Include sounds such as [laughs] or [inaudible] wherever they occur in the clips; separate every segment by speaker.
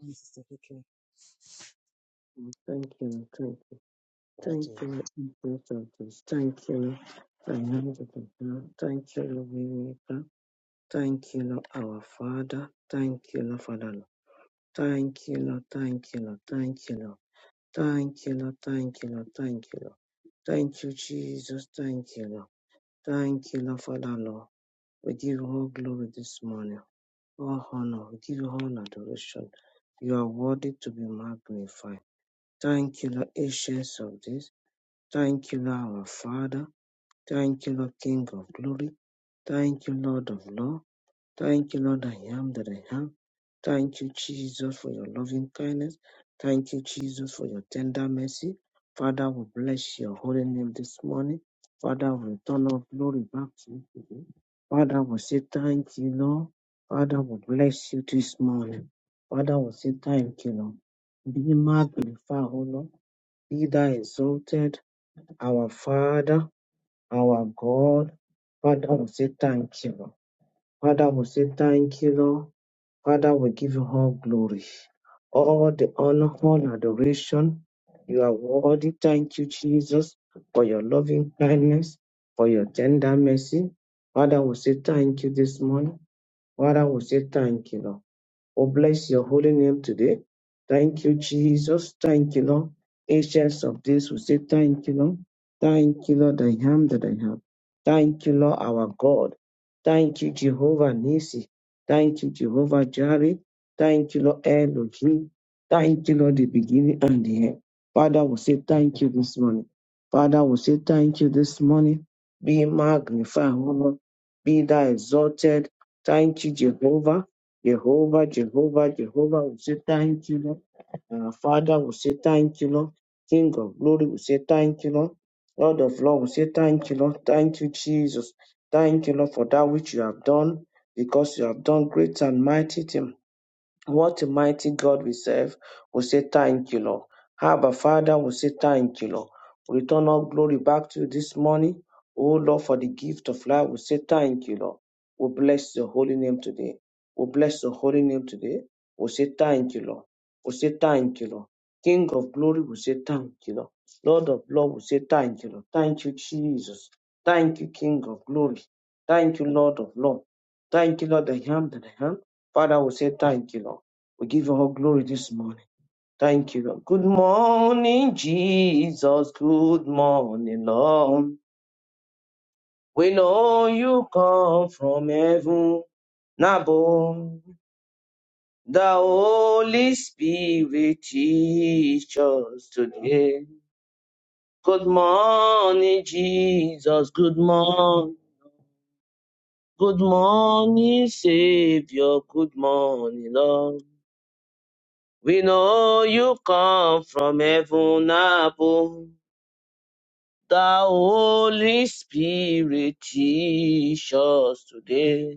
Speaker 1: Morning, Sister Vicky.
Speaker 2: Thank you, thank you,
Speaker 1: How do
Speaker 2: thank
Speaker 1: you?
Speaker 2: you, Lord, for this. Thank you, Lord, for another day. Lord. Thank you, Lord, Waymaker. Thank you, Lord, our Father. Thank you, Lord, Father. Lord. Thank you, Lord, thank you, Lord, thank you, Lord. Thank you, Lord, thank you, Lord, thank you, Lord. Thank you, Jesus. Thank you, Lord. Thank you, Lord, Father, Lord. We give you all glory this morning, all honor. We give you all adoration. You are worthy to be magnified. Thank you, Lord, ancients of this. Thank you, Lord, our Father. Thank you, Lord, King of glory. Thank you, Lord of Law. Thank you, Lord, I am that I am. Thank you, Jesus, for your loving kindness. Thank you, Jesus, for your tender mercy. Father, we bless your holy name this morning. Father, we return all glory back to you today. Father, we say thank you, Lord. Father, we bless you this morning. Father, we say thank you, Lord. Be magnified, O Lord. Be thou exalted. Our Father, our God, Father, we say thank you, Lord. Father, we say thank you, Lord. Father, we give you all glory, all the honor, all adoration. You are worthy. Thank you, Jesus, for your loving kindness, for your tender mercy. Father, we say thank you this morning. Father, we say thank you, Lord. Oh, bless your holy name today. Thank you, Jesus. Thank you, Lord. Ancients of this, we say thank you, Lord. Thank you, Lord, I am that I am. Thank you, Lord, our God. Thank you, Jehovah Nisi. Thank you, Jehovah Jireh. Thank you, Lord Elohim. Thank you, Lord, the beginning and the end. Father, we say thank you this morning. Father, we say thank you this morning. Be magnified, O Lord. Be thou exalted. Thank you, Jehovah. Jehovah, Jehovah, Jehovah, we say thank you, Lord. Our Father, we say thank you, Lord. King of glory, we say thank you, Lord. Lord of Lord, we say thank you, Lord. Thank you, Jesus. Thank you, Lord, for that which you have done, because you have done great and mighty things. What a mighty God we serve. We say thank you, Lord. Abba, Father, we say thank you, Lord. We return all glory back to you this morning. Oh, Lord, for the gift of life, we say thank you, Lord. We bless your holy name today. We bless your holy name today. We say thank you, Lord. We say thank you, Lord. King of glory, we say thank you, Lord. Lord of love, we say thank you, Lord. Thank you, Jesus. Thank you, King of glory. Thank you, Lord of love. Thank you, Lord, I am that I am. Father, we say thank you, Lord. We give you all glory this morning. Thank you. Good morning, Jesus. Good morning, Lord. We know you come from heaven. Nabo, the Holy Spirit teach us today. Good morning, Jesus. Good morning. Good morning, Savior. Good morning, Lord. We know you come from heaven above. The Holy Spirit teach us today.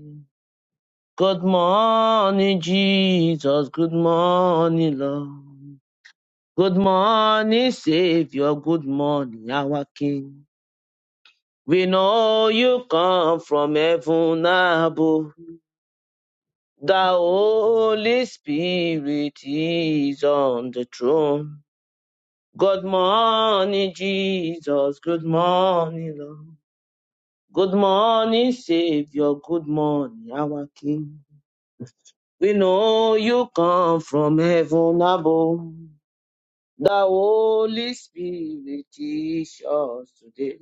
Speaker 2: Good morning, Jesus. Good morning, Lord. Good morning, Savior. Good morning, our King. We know you come from heaven above. The Holy Spirit is on the throne. Good morning, Jesus. Good morning, Lord. Good morning, Savior. Good morning, our King. We know you come from heaven above. The Holy Spirit teach us today.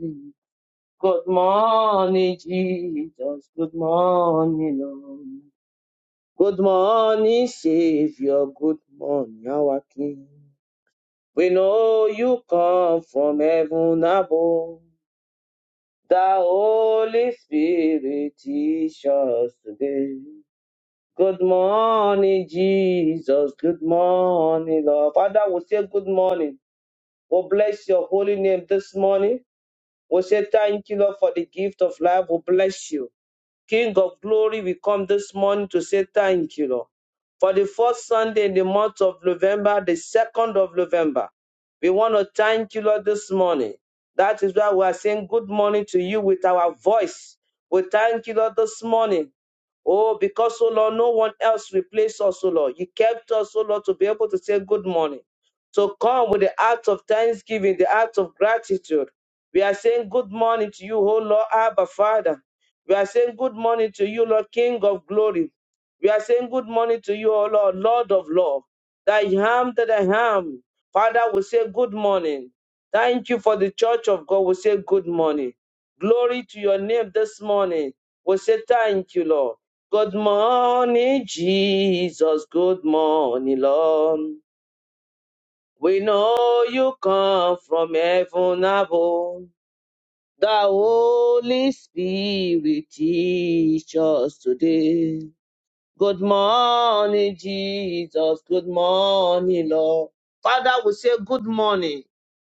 Speaker 2: Good morning, Jesus. Good morning, Lord. Good morning, Savior. Good morning, our King. We know you come from heaven above. The Holy Spirit teach us today. Good morning, Jesus. Good morning, Lord. Father, we say good morning. We bless your holy name this morning. We say thank you, Lord, for the gift of life. We bless you. King of glory, we come this morning to say thank you, Lord. For the first Sunday in the month of November, the second of November, we want to thank you, Lord, this morning. That is why we are saying good morning to you with our voice. We thank you, Lord, this morning. Oh, because, oh Lord, no one else replaced us, oh Lord. You kept us, oh Lord, to be able to say good morning. So come with the heart of thanksgiving, the heart of gratitude. We are saying good morning to you, oh Lord, Abba Father. We are saying good morning to you, Lord King of glory. We are saying good morning to you, O Lord, Lord of love. Thy ham that I am. Father we say good morning. Thank you for the church of God. We say good morning. Glory to your name this morning. We say thank you, Lord. Good morning, Jesus. Good morning, Lord. We know you come from heaven above. The Holy Spirit teach us today. Good morning, Jesus. Good morning, Lord. Father, we say good morning.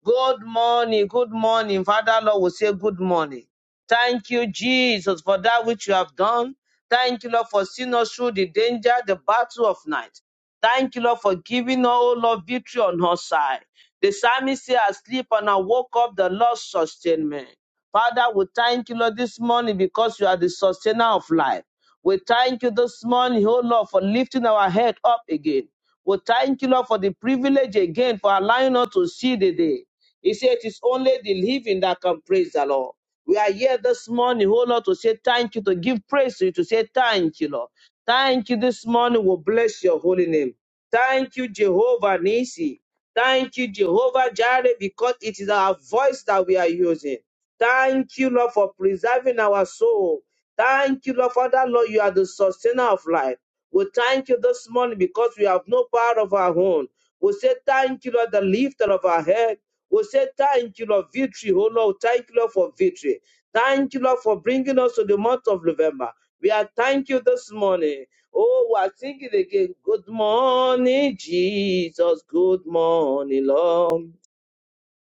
Speaker 2: Good morning, good morning. Father Lord We say good morning. Thank you, Jesus, for that which you have done. Thank you, Lord, for seeing us through the danger, the battle of night. Thank you, Lord, for giving us, oh Lord, victory on our side. The psalmist said, I sleep and I woke up, the Lord sustained me. Father, we thank you, Lord, this morning because you are the sustainer of life. We thank you this morning, oh Lord, for lifting our head up again. We thank you, Lord, for the privilege again for allowing us to see the day. He said, It is only the living that can praise the Lord. We are here this morning, oh Lord, to say thank you, to give praise to you, to say thank you, Lord. Thank you this morning. We'll bless your holy name. Thank you, Jehovah Nisi. Thank you, Jehovah Jireh, because it is our voice that we are using. Thank you, Lord, for preserving our soul. Thank you, Lord, Father, Lord, you are the sustainer of life. We thank you this morning because we have no power of our own. We say thank you, Lord, the lifter of our head. We say, Thank you, Lord, victory. Oh, Lord, thank you, Lord, for victory. Thank you, Lord, for bringing us to the month of November. We are thank you this morning. Oh, we are singing again. Good morning, Jesus. Good morning, Lord.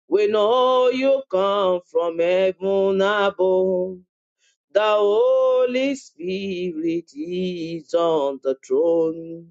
Speaker 2: We know you come from heaven above. The Holy Spirit is on the throne.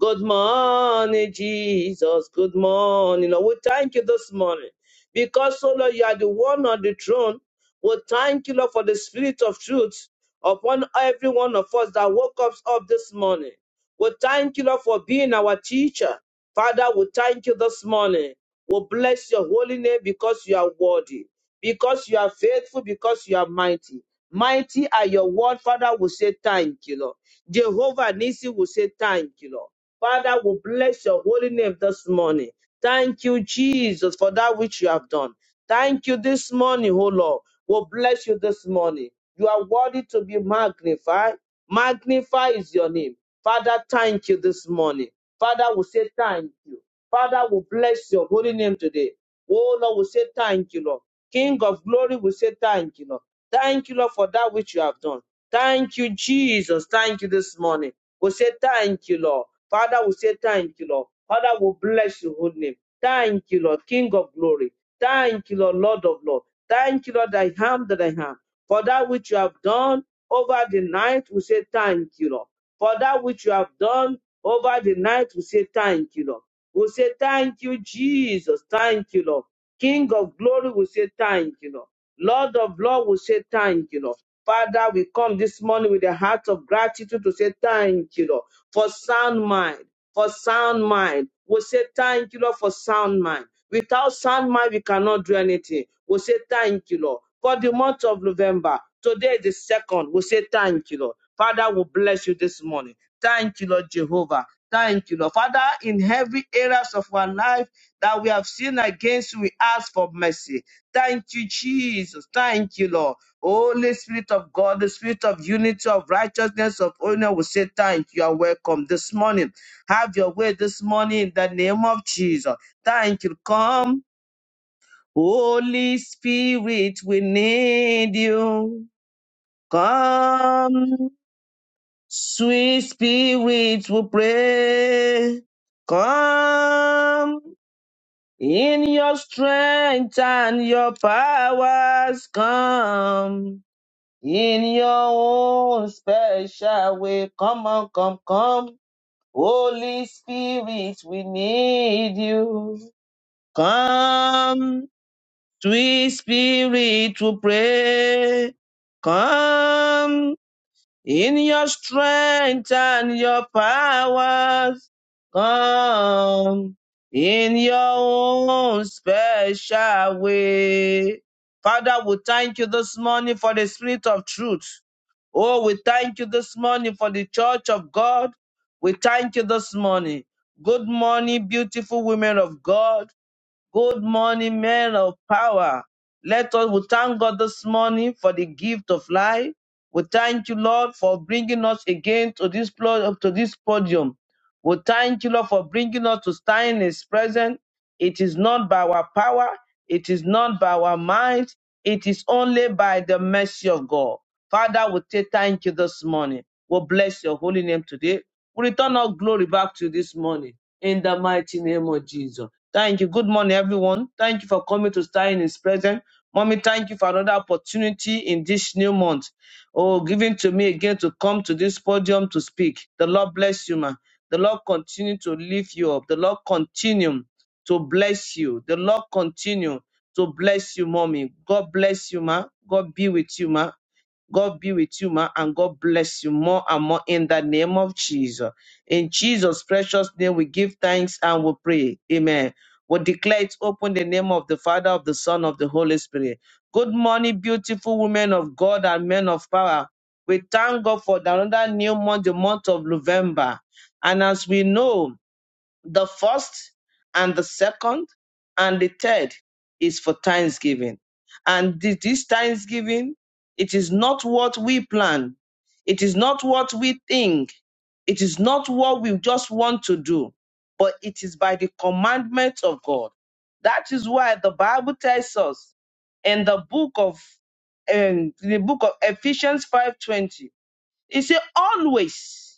Speaker 2: Good morning, Jesus. Good morning. Lord, we thank you this morning because, oh Lord, you are the one on the throne. We thank you, Lord, for the spirit of truth upon every one of us that woke us up this morning. We thank you, Lord, for being our teacher. Father, we thank you this morning. We bless your holy name because you are worthy, because you are faithful, because you are mighty. Mighty are your word, Father. We say thank you, Lord. Jehovah Nisi will say thank you, Lord. Father, we bless your holy name this morning. Thank you, Jesus, for that which you have done. Thank you this morning, oh Lord. We bless you this morning. You are worthy to be magnified. Magnify is your name. Father, thank you this morning. Father, we say thank you. Father, we bless your holy name today. Oh Lord, we say thank you, Lord. King of glory, we say thank you, Lord. Thank you, Lord, for that which you have done. Thank you, Jesus. Thank you this morning. We say thank you, Lord. Father, we say thank you, Lord. Father, we bless your holy name. Thank you, Lord, King of glory. Thank you, Lord, Lord of Lord. Thank you, Lord, I am that I am. For that which you have done over the night, we say thank you, Lord. For that which you have done over the night, we say thank you, Lord. We say thank you, Jesus. Thank you, Lord. King of glory, we say thank you, Lord. Lord of Lord, we say thank you, Lord. Father, we come this morning with a heart of gratitude to say thank you, Lord, for sound mind for sound mind. We say thank you, Lord, for sound mind. Without sound mind, we cannot do anything. We say thank you, Lord. For the month of November, today is the second. We say thank you, Lord. Father, we bless you this morning. Thank you, Lord Jehovah. Thank you, Lord. Father, in every areas of our life that we have sinned against, you, we ask for mercy. Thank you, Jesus. Thank you, Lord. Holy Spirit of God, the Spirit of unity, of righteousness, of honor, we say thank you. You are welcome this morning. Have your way this morning in the name of Jesus. Thank you. Come, Holy Spirit, we need you. Come, sweet Spirit, we pray. Come in your strength and your powers. Come in your own special way. Come on, come, come. Holy Spirit, we need you. Come, sweet spirit, to pray. Come in your strength and your powers. Come in your own special way. Father, we thank you this morning for the spirit of truth. Oh, we thank you this morning for the church of God. We thank you this morning. Good morning, beautiful women of God. Good morning, men of power. Let us we thank God this morning for the gift of life. We thank you, Lord, for bringing us again to this plo- to this podium. We thank you, Lord, for bringing us to stand in His presence. It is not by our power, it is not by our might, it is only by the mercy of God. Father, we say thank you this morning. We bless your holy name today. We return our glory back to you this morning in the mighty name of Jesus. Thank you. Good morning, everyone. Thank you for coming to stay in His presence. Mommy, thank you for another opportunity in this new month. Oh, given to me again to come to this podium to speak. The Lord bless you, ma. The Lord continue to lift you up. The Lord continue to bless you. The Lord continue to bless you, mommy. God bless you, ma. God be with you, ma. God be with you, ma, and God bless you more and more in the name of Jesus. In Jesus' precious name, we give thanks and we pray. Amen. We declare it open in the name of the Father, of the Son, of the Holy Spirit. Good morning, beautiful women of God and men of power. We thank God for another new month, the month of November. And as we know, the first and the second and the third is for Thanksgiving. And thi- this Thanksgiving, it is not what we plan. It is not what we think. It is not what we just want to do, but it is by the commandment of God. That is why the Bible tells us in the book of um, in the book of Ephesians 5:20, it says always.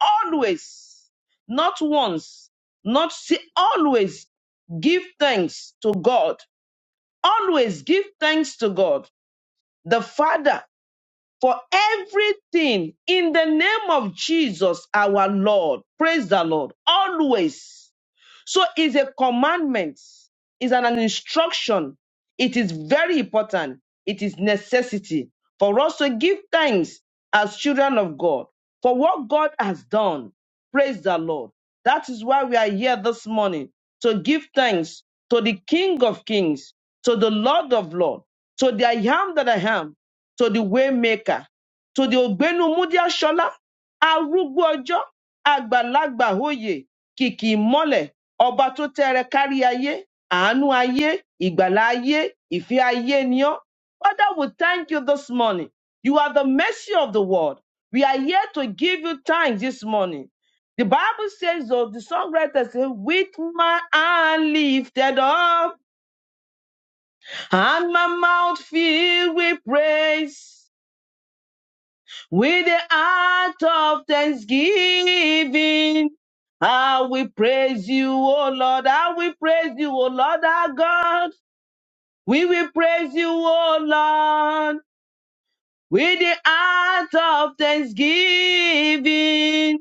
Speaker 2: Always, not once, not si- always give thanks to God. Always give thanks to God, the Father, for everything in the name of Jesus, our Lord. Praise the Lord. Always. So it's a commandment, it's an, an instruction. It is very important. It is necessity for us to give thanks as children of God for what God has done. Praise the Lord. That is why we are here this morning to give thanks to the King of Kings, to the Lord of Lords, to the I am that I am, to the Waymaker, to the Ogbenu Mudia Shola, Arugbo Ojo, Agbalagba Hoye, kìkì ìmọ́lẹ̀ ọba tó tẹ́rẹ kárí ayé àánú ayé ìgbàlà ayé ìfẹ́ ayé ni ọ́. Father, we thank you this morning. You are the mercy of the world. We are here to give you thanks this morning. The Bible says, though, the songwriter says, With my hand lifted up and my mouth filled with praise. With the heart of thanksgiving, I will praise you, O Lord. I will praise you, O Lord our God. We will praise you, O Lord. With the heart of thanksgiving,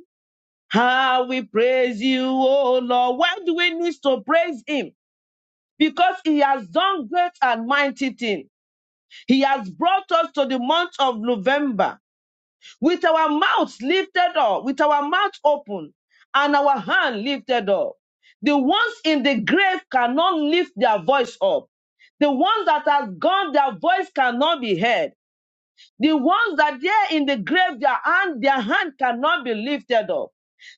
Speaker 2: I will praise you, O Lord. Why do we need to praise Him? Because He has done great and mighty things. He has brought us to the month of November. with our mouths lifted up, with our mouth open, and our hand lifted up. The ones in the grave cannot lift their voice up. The ones that are gone, their voice cannot be heard. The ones that are in the grave, their hand, their hand cannot be lifted up.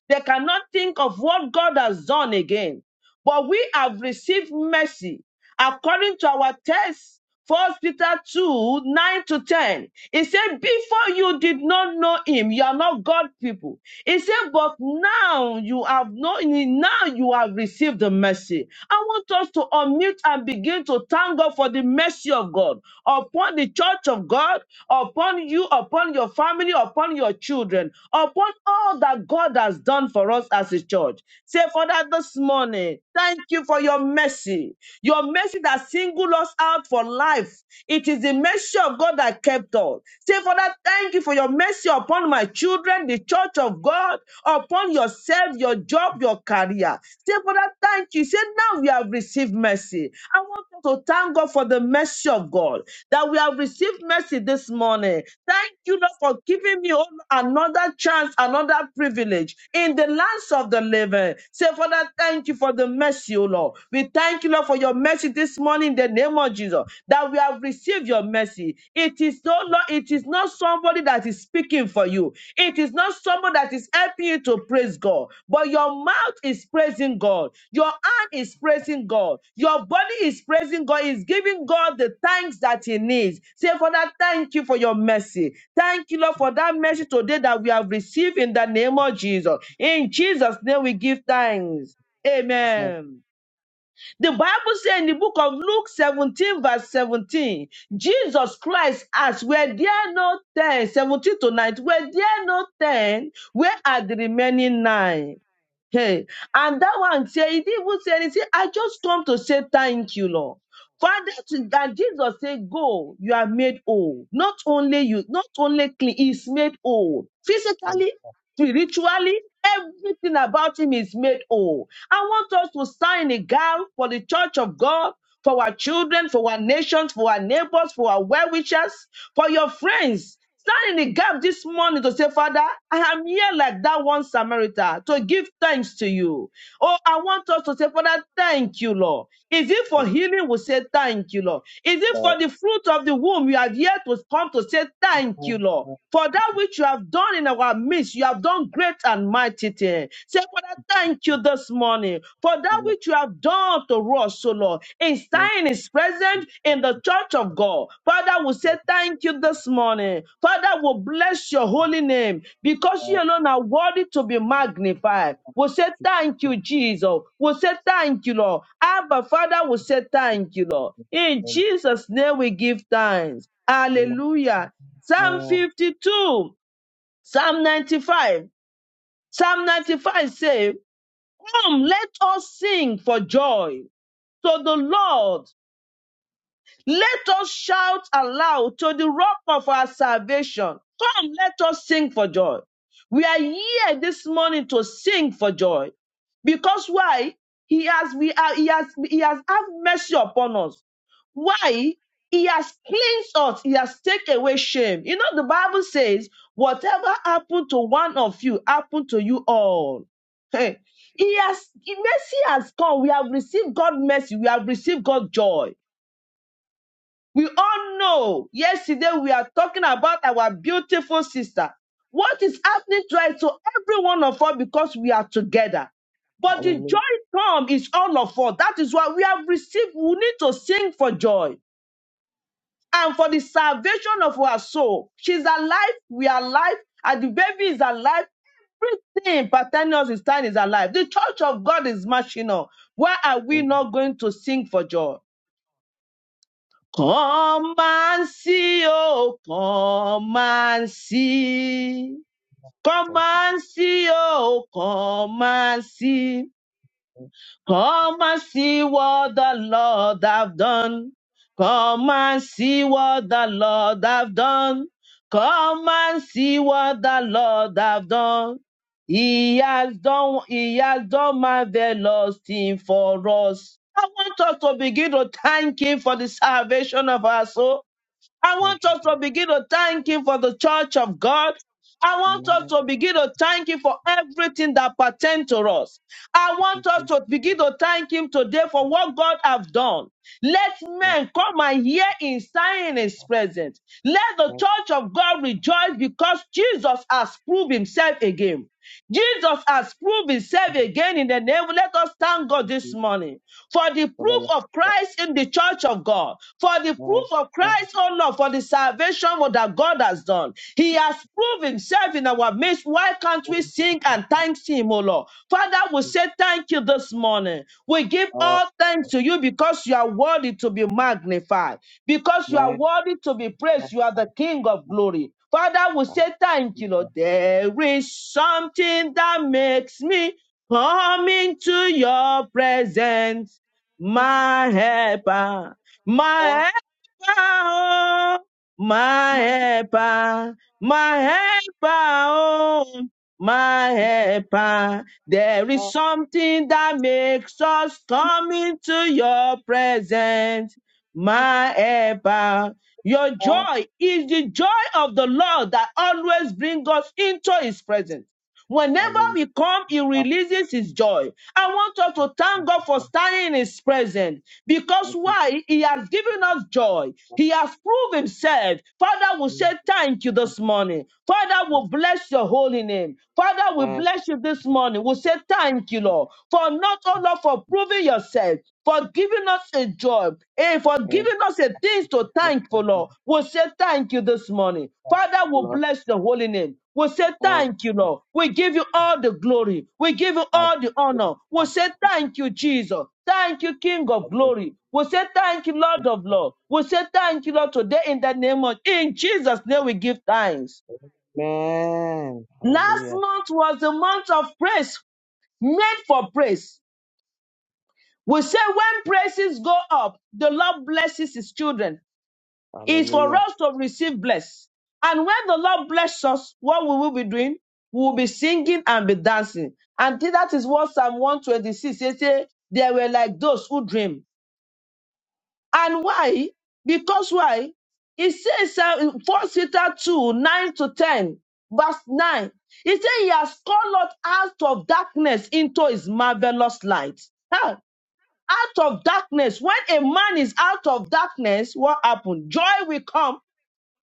Speaker 2: They cannot think of what God has done again. But we have received mercy according to our text, First Peter 2, 9 to 10. It said, Before you did not know him, you are not God people. It said, But now you have known him, now you have received the mercy. I want us to unmute and begin to thank God for the mercy of God upon the church of God, upon you, upon your family, upon your children, upon all that God has done for us as a church. Say, Father, this morning, thank you for your mercy mercy, your mercy that singled us out for life. It is the mercy of God that kept us. Say, Father, thank you for your mercy upon my children, the church of God, upon yourself, your job, your career. Say, Father, thank you. Say, now we have received mercy. I want you to thank God for the mercy of God that we have received mercy this morning. Thank you, Lord, for giving me oh, another chance, another privilege in the lands of the living. Say, Father, thank you for the mercy bless you, Lord. We thank you, Lord, for your mercy this morning in the name of Jesus, that we have received your mercy. It is no, Lord, it is not somebody that is speaking for you. It is not someone that is helping you to praise God, but your mouth is praising God. Your hand is
Speaker 1: want?
Speaker 2: praising God. Your body is praising God. Is giving God the thanks that He needs. Say, Father, thank you for your mercy. Thank you, Lord, for that mercy today that we have received in the name of Jesus. In Jesus' name, we give thanks. Amen. The Bible says in the book of Luke 17, verse 17, Jesus Christ asked, Were there no ten? 17 to 19, were there no ten? Where are the remaining nine? Hey, and that one say he didn't even say anything. I just come to say thank you, Lord. Father, to- that Jesus said, Go, you are made whole. Not only you, not only clean, he's made whole.
Speaker 1: Thank
Speaker 2: Physically,
Speaker 1: you
Speaker 2: spiritually, everything about him is made whole. I want us to stand in a gap for the church of God for our children, for our nations, for our neighbors, for our well wishers, for your friends. Stand in the gap this morning to say, Father, I am here like that one Samaritan to give thanks to you. Oh, I want us to say, Father, thank you, Lord. Is
Speaker 1: for
Speaker 2: it for
Speaker 1: your love
Speaker 2: healing? We say, Thank you, Lord. Is it
Speaker 1: and
Speaker 2: for the fruit of the womb? You are here to come to say,
Speaker 1: thank you
Speaker 2: Thank
Speaker 1: for your
Speaker 2: you,
Speaker 1: love.
Speaker 2: Lord. For that
Speaker 1: Thank you
Speaker 2: which you have done in our midst, you have done great and mighty things. Say, Father, thank you this morning for
Speaker 1: for
Speaker 2: that
Speaker 1: your love. Thank you
Speaker 2: which you have done to us, O Lord. In Stein is present in the church of God. Father, we say thank you this morning. Father, we bless your holy name because you alone are worthy to be magnified. We say thank you, Jesus. We say thank you, Lord. Abba, Father, we say thank you, Lord. In
Speaker 1: for your love.
Speaker 2: Jesus' name we give thanks. Hallelujah. Psalm
Speaker 1: Amen.
Speaker 2: 52, Psalm 95. Psalm 95 says, Come, let us sing for joy to the Lord. Let us shout aloud to the rock of our salvation. Come, let us sing for joy. We are here this morning to sing for joy. Because why? He has, we are, he has, he has had mercy upon us. Why? He has cleansed us. He has taken away shame. You know, the Bible says, whatever happened to one of you, happened to you all. [laughs] Hey, He has, mercy has come. We have received God's mercy. We have received God's joy. We all know yesterday we are talking about our beautiful sister. What is happening to us to every one of us because we are together. But the joy
Speaker 1: Hallelujah.
Speaker 2: come is all of us. That is why we have received. We need to sing for joy and for the salvation of our soul. She's alive, we are alive, and the baby is alive. Everything pertaining to his time is alive. The church of God is marching on. Why are we
Speaker 1: Amen.
Speaker 2: not going to sing for joy? Come and see, oh, come and see. Come
Speaker 1: Thank you,
Speaker 2: and see, oh, come and see.
Speaker 1: Jesus.
Speaker 2: Come and see what the Lord have done. Come and see what the Lord have done. Come and see what the Lord have done. He has done, he has done marvelous thing for us. I want us to begin to thank him for the salvation of our soul. I
Speaker 1: Thank
Speaker 2: want
Speaker 1: you,
Speaker 2: us
Speaker 1: Jesus.
Speaker 2: to begin to thank Him for the church of God. I want us
Speaker 1: Amen.
Speaker 2: to begin to thank Him for everything that pertains to us. I
Speaker 1: Thank you,
Speaker 2: want us
Speaker 1: Jesus.
Speaker 2: to begin to thank Him today for what God has done. Let
Speaker 1: Yes,
Speaker 2: men come and hear in sign in His presence. Let the
Speaker 1: Thank
Speaker 2: church of God rejoice because Jesus has proved Himself again. Jesus has proved
Speaker 1: you
Speaker 2: Himself again in the name. Let us thank God
Speaker 1: Thank
Speaker 2: this
Speaker 1: you
Speaker 2: morning for the
Speaker 1: for the
Speaker 2: proof
Speaker 1: love.
Speaker 2: of
Speaker 1: of
Speaker 2: Christ in the church of God, for the
Speaker 1: God.
Speaker 2: proof
Speaker 1: Amen.
Speaker 2: of
Speaker 1: Amen.
Speaker 2: Christ, oh Lord, for the salvation that God has done. He has proved himself in our midst. Why can't we sing and thank him, oh Lord? Father, we
Speaker 1: It's
Speaker 2: say thank you this morning. We give
Speaker 1: all for
Speaker 2: all thanks
Speaker 1: God.
Speaker 2: to you because you are worthy to be magnified, because you are
Speaker 1: Amen.
Speaker 2: worthy to be
Speaker 1: Thank
Speaker 2: praised. You are the King of glory. Father, we say thank
Speaker 1: you,
Speaker 2: you, Lord.
Speaker 1: Jesus.
Speaker 2: There is something that makes me come into your presence my helper, my helper, oh, my helper, my helper, oh, my helper. There
Speaker 1: It's
Speaker 2: is
Speaker 1: all
Speaker 2: something that makes us come into your presence, my helper. Your
Speaker 1: for
Speaker 2: joy is the joy of the Lord that always brings us into his presence. Whenever
Speaker 1: God.
Speaker 2: we come, He
Speaker 1: Amen.
Speaker 2: releases His joy. I want us to thank God for standing in His presence because why? He has given us joy. He has proved Himself. Father, we say thank you this morning. Father, we bless your holy name. Father, we bless you this morning. We say thank you, Lord, for not only for proving yourself, for giving us a joy. And for giving us a things to thank for, Lord, we'll say thank you this morning. Father, we'll bless the holy name. We'll say thank you, Lord. We give you all the glory. We give you all the honor. We'll say thank you, Jesus. Thank you, King of glory. We'll say thank you, Lord of Lord. We'll say thank you, Lord, today in the name of, in Jesus' name we give thanks. Last
Speaker 1: Hallelujah.
Speaker 2: month was the month of praise, made for praise. We say when praises go up, the Lord blesses his children. is for
Speaker 1: Hallelujah.
Speaker 2: us to receive bless. And when the Lord bless us, what we will we be doing? We will be singing and be dancing. And that is what Psalm 126 says, say, they were like those who dream. And why? Because why? It says uh, in 1 Peter 2, 9 to 10, verse 9. He said he has called us out of darkness into his marvelous light. Huh? Out of darkness. When a man is out of darkness, what happened? Joy will come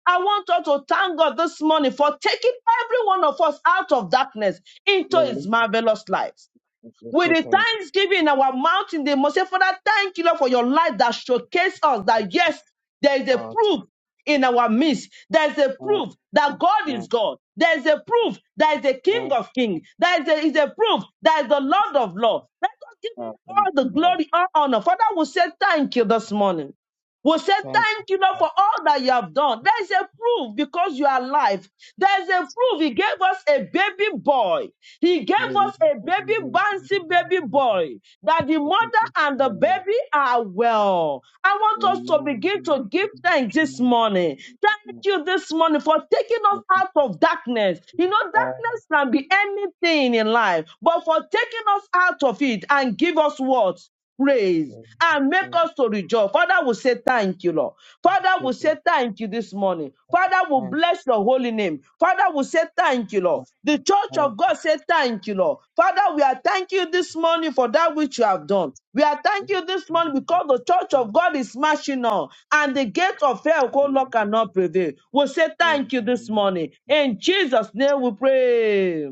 Speaker 2: I want us to thank God this morning for taking every one of us out of darkness into
Speaker 1: Hallelujah.
Speaker 2: his marvelous light.
Speaker 1: We
Speaker 2: With
Speaker 1: say
Speaker 2: the
Speaker 1: thank
Speaker 2: thanksgiving in our mouth in the must say, Father, thank you, Lord, for your light that showcased us
Speaker 1: you.
Speaker 2: that yes, there is a
Speaker 1: Lord.
Speaker 2: proof in our midst. There is a proof that God
Speaker 1: Amen.
Speaker 2: is God. There is a proof that is the
Speaker 1: Amen.
Speaker 2: King of Kings. There is a, is a proof that is the Lord of Lords. Let us give
Speaker 1: Uh,
Speaker 2: him
Speaker 1: Thank
Speaker 2: all the
Speaker 1: you, Lord.
Speaker 2: glory, all honor. Father, we say thank you this morning. We'll say
Speaker 1: Thank you.
Speaker 2: thank you, Lord, for all that you have done. There is a proof because you are alive. There is a proof. He gave us a baby boy. He gave us a baby
Speaker 1: Lord.
Speaker 2: bouncy baby boy that the mother and the
Speaker 1: Hallelujah.
Speaker 2: baby are well. I want us to begin to give
Speaker 1: Thank
Speaker 2: thanks this morning. Thank you this morning for taking us
Speaker 1: you, Jesus.
Speaker 2: out of darkness. You know,
Speaker 1: Amen.
Speaker 2: darkness can be anything in life, but for taking us out of it and give us what? praise
Speaker 1: Thank you.
Speaker 2: and make us to rejoice. Father, we say thank you, Lord. Father, we say thank you this morning. Father, we bless your holy name. Father, we say thank you, Lord.
Speaker 1: Hallelujah.
Speaker 2: The church of God say thank you, Lord. Father, we are thank you this morning for that which you have done. We are thank you this morning because the church of God is marching on and the gate of hell, oh Lord, cannot prevail. We say thank you this morning. In Jesus' name we pray.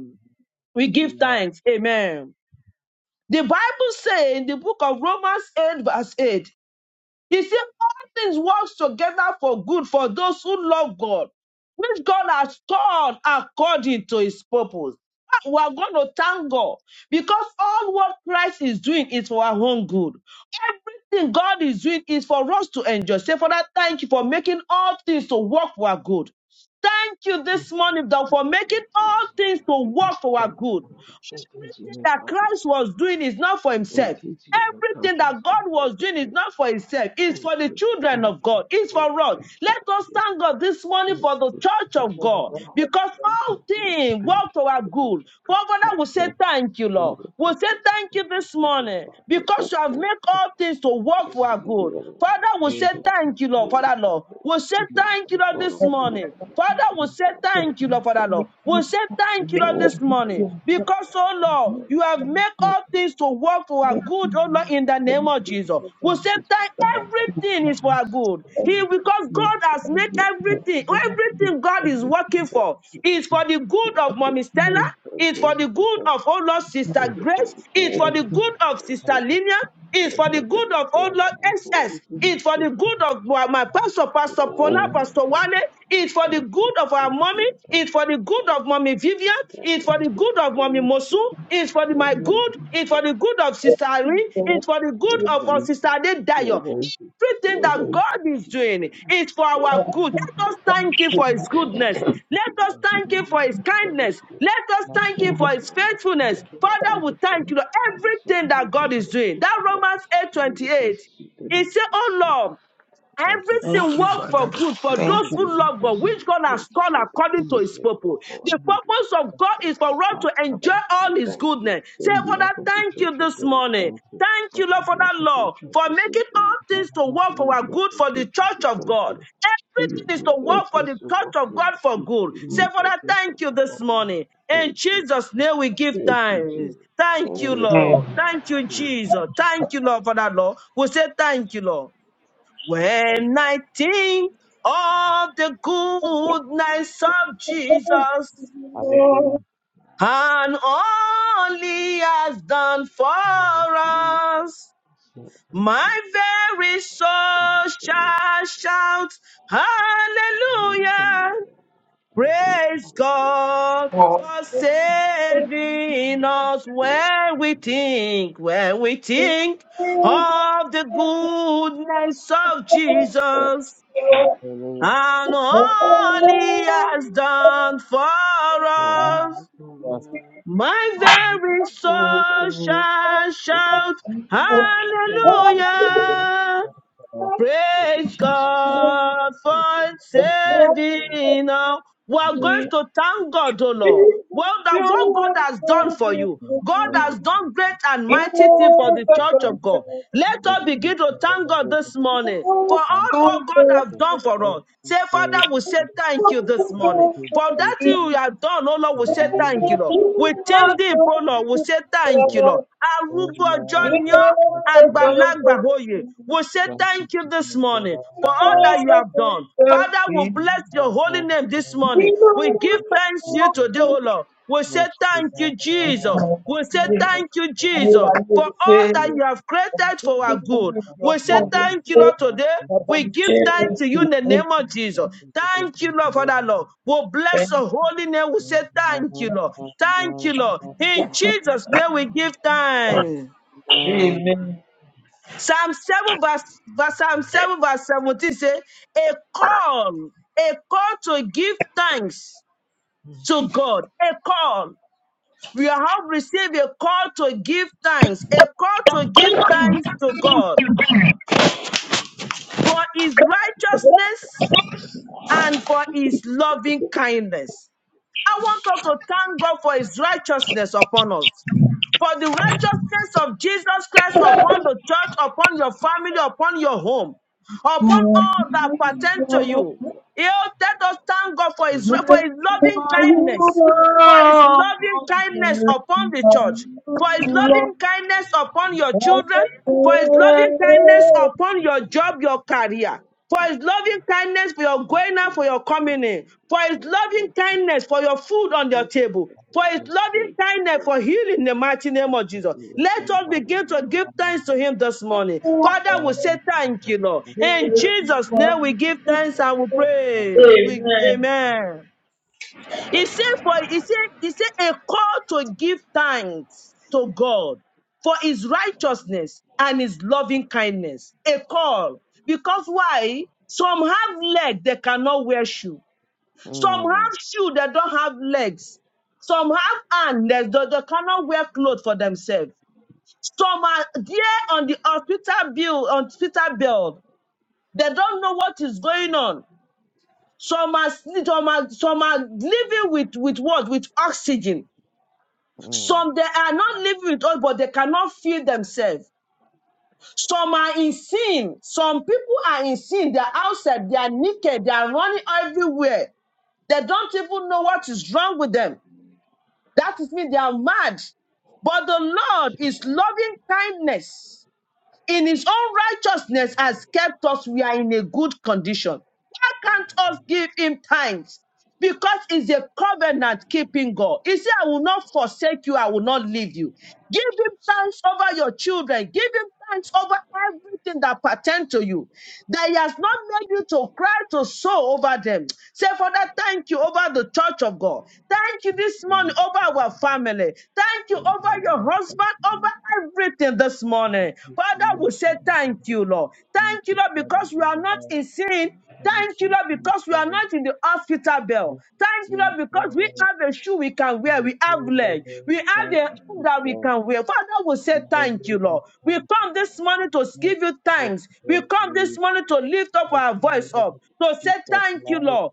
Speaker 2: We give thanks. Amen. The Bible says in the book of Romans 8, verse 8, it says, All things works together for good for those who love God, which God has called according to his purpose. Ah, We are going to thank God because all what Christ is doing is for our own good. Everything God is doing is for us to enjoy. Say, Father, thank you for making all things to work for our good. Thank you this morning, God, for making all things to work for our good. Everything that Christ was doing is not for himself. Everything that God was doing is not for himself. It's for the children of God. It's for us. Let us thank God this morning for the church of God because all things work to our good. Father, we say thank you, Lord. We say thank you this morning because you have made all things to work for our good. Father, we say thank you, Lord. Father, Lord. We say thank you, Lord, this
Speaker 3: Thank
Speaker 2: morning. Father, we say thank you, Lord, Father, Lord. We say thank you, Lord, this morning. Because, oh Lord, you have made all things to work for our good, oh Lord, in the name of Jesus. We say thank everything is for our good. He because God has made everything, everything God is working for is for the good of Mommy Stella. It's for the good of Oh Lord Sister Grace. It's for the good of Sister Linia. It's for the good of old Lord SS. It's for the good of my my pastor, Pastor Paula, Pastor Wale. It's for the good of our mommy. It's for the good of mommy Vivian. It's for the good of mommy Mosu. It's for the, my good. It's for the good of Sister Irene. It's for the good of our Sister Ade Dayo. Everything that God is doing is for our good. Let us thank Him for His goodness. Let us thank Him for His kindness. Let us thank Him for His faithfulness. Father, we thank you. Lord. Everything that God is doing. That Romans eight twenty eight. 28, it says, Oh Lord, Everything
Speaker 3: you,
Speaker 2: works
Speaker 3: Father.
Speaker 2: for good for those
Speaker 3: Thank you.
Speaker 2: who love God, which God has called according to his purpose. The purpose of God is for us to enjoy all his goodness. Say, Father, thank you this morning. Thank you, Lord, for that law, for making all things to work for our good for the church of God. Everything is to work for the church of God for good. Say, Father, thank you this morning. In Jesus' name, we give thanks. Thank you,
Speaker 3: Mm.
Speaker 2: Lord. Thank you, Jesus. Thank you, Lord, for that law. We say thank you, Lord. When I think of the goodness of Jesus
Speaker 1: Hallelujah.
Speaker 2: and all he has done for us, my very soul shall shout, Hallelujah! Praise God for saving us when we think, when we think of the goodness of Jesus and all he has done for us. My very soul shall shout hallelujah. Praise God for
Speaker 3: Oh,
Speaker 2: saving us. We are going
Speaker 3: Thank
Speaker 2: to thank God, O Lord. Well, that
Speaker 3: you.
Speaker 2: what God has done for you, God has done great and mighty things for the church of God. Let
Speaker 1: Thank
Speaker 2: us begin to thank God this morning for all what God has done for us. Say, Father, we say thank you this morning. For that thing you have done, oh Lord, we say thank you, Lord. We thank thee, oh Lord, we say thank you, Lord. Arúgbó ọjọ́ ni ọ́, àgbàlagbà oyè. We say thank you this morning for all that you have done. Father, we bless your holy name this morning. We give thanks to you today, oh Lord. We say thank you, Jesus. We say
Speaker 3: ayérayé
Speaker 2: thank you, Jesus
Speaker 3: o
Speaker 2: for
Speaker 3: ṣé
Speaker 2: all that you have
Speaker 3: ọ̀rọ̀
Speaker 2: created
Speaker 3: tó
Speaker 2: for
Speaker 3: gbé
Speaker 2: our good.
Speaker 3: ọmọ ìjọ
Speaker 2: We say
Speaker 3: fún o
Speaker 2: thank you,
Speaker 3: ṣé
Speaker 2: Lord, today.
Speaker 3: bàbá
Speaker 2: We
Speaker 3: mi
Speaker 2: give
Speaker 3: ṣé o
Speaker 2: thanks to
Speaker 3: kò
Speaker 2: you in the
Speaker 3: ní
Speaker 2: name of
Speaker 3: ìgbẹ́
Speaker 2: Jesus. Thank you, Lord, for that, Lord. we bless your holy name. We say thank you, Lord. Thank you, Lord. In Jesus' name we give thanks.
Speaker 3: amen.
Speaker 1: you.
Speaker 2: Psalm 7 verse, verse- Psalm 7 verse 17 says, a call, a call to give thanks to God. A call. We have received a call to give thanks, a call to give thanks to God. for his righteousness and for his loving kindness. I want us to thank God for his righteousness upon us. For the righteousness of Jesus Christ upon the church, upon your family, upon your home, upon all that pertain to you. He'll let us thank God for his, for his loving kindness for his loving kindness upon the church, for his loving kindness upon your children, for his loving kindness upon your job, your career, for his loving kindness for your going out, for your coming in, for his loving kindness for your food on your table. For his
Speaker 1: Jesus,
Speaker 2: loving kindness, for healing in the mighty name of Jesus.
Speaker 1: Christ,
Speaker 2: Let us begin to
Speaker 1: hallelujah.
Speaker 2: give
Speaker 1: Amen.
Speaker 2: thanks to him this morning. Father, we say thank you, Lord. In Jesus' name, we give thanks and we pray. We,
Speaker 3: Amen.
Speaker 2: amen. He said, for he said, he said, a call to give thanks to God for his righteousness and his loving kindness. A call. Because why? Some have legs, they cannot wear shoe. Some
Speaker 1: Mm,
Speaker 2: have shoe that don't have legs. Some have hands that they, they cannot wear clothes for themselves. Some are there on the hospital bill, on hospital bed. They don't know what is going on. Some are, sne- some are, some are living with, with what? With oxygen.
Speaker 1: mm.
Speaker 2: Some they are not living with us, but they cannot feel themselves. Some are in sin. Some people are in sin. They're outside. They are naked. They are running everywhere. They don't even know what is wrong with them. That is mean they are mad. But the Lord is loving kindness. In his own righteousness has kept us. We are in a good condition. Why can't us give him thanks? because it's a covenant keeping God. He said, I will not forsake you, I will not leave you. Give him thanks over your children, give him thanks over everything that pertains to you. That he has not made you to cry to sow over them. Say, Father, thank you over the church of God. Thank you this morning over our family. Thank you over your
Speaker 1: Thank
Speaker 2: husband, over everything this morning. Father, we say thank you, Lord. Thank you,
Speaker 1: you,
Speaker 2: Lord,
Speaker 1: Father
Speaker 2: because we are not
Speaker 1: God.
Speaker 2: in sin.
Speaker 1: Thank you, Jesus. Thank you, Father. Thank you, Lord. Thank
Speaker 2: Thank
Speaker 1: you,
Speaker 2: you, Lord, because we are not in the hospital bell. Thank you,
Speaker 1: Jesus.
Speaker 2: Lord, because we
Speaker 1: Hallelujah.
Speaker 2: have a shoe we can
Speaker 1: Thank
Speaker 2: wear. We
Speaker 1: you,
Speaker 2: have legs.
Speaker 1: praise.
Speaker 2: We have a
Speaker 1: Thank
Speaker 2: hand that we can wear. Father, we say thank you, Lord. We come this morning to give you thanks. We come this morning to lift up our
Speaker 1: you,
Speaker 2: voice
Speaker 1: Lord.
Speaker 2: up, to say
Speaker 1: Gift of
Speaker 2: thank you,
Speaker 1: life.
Speaker 2: Lord,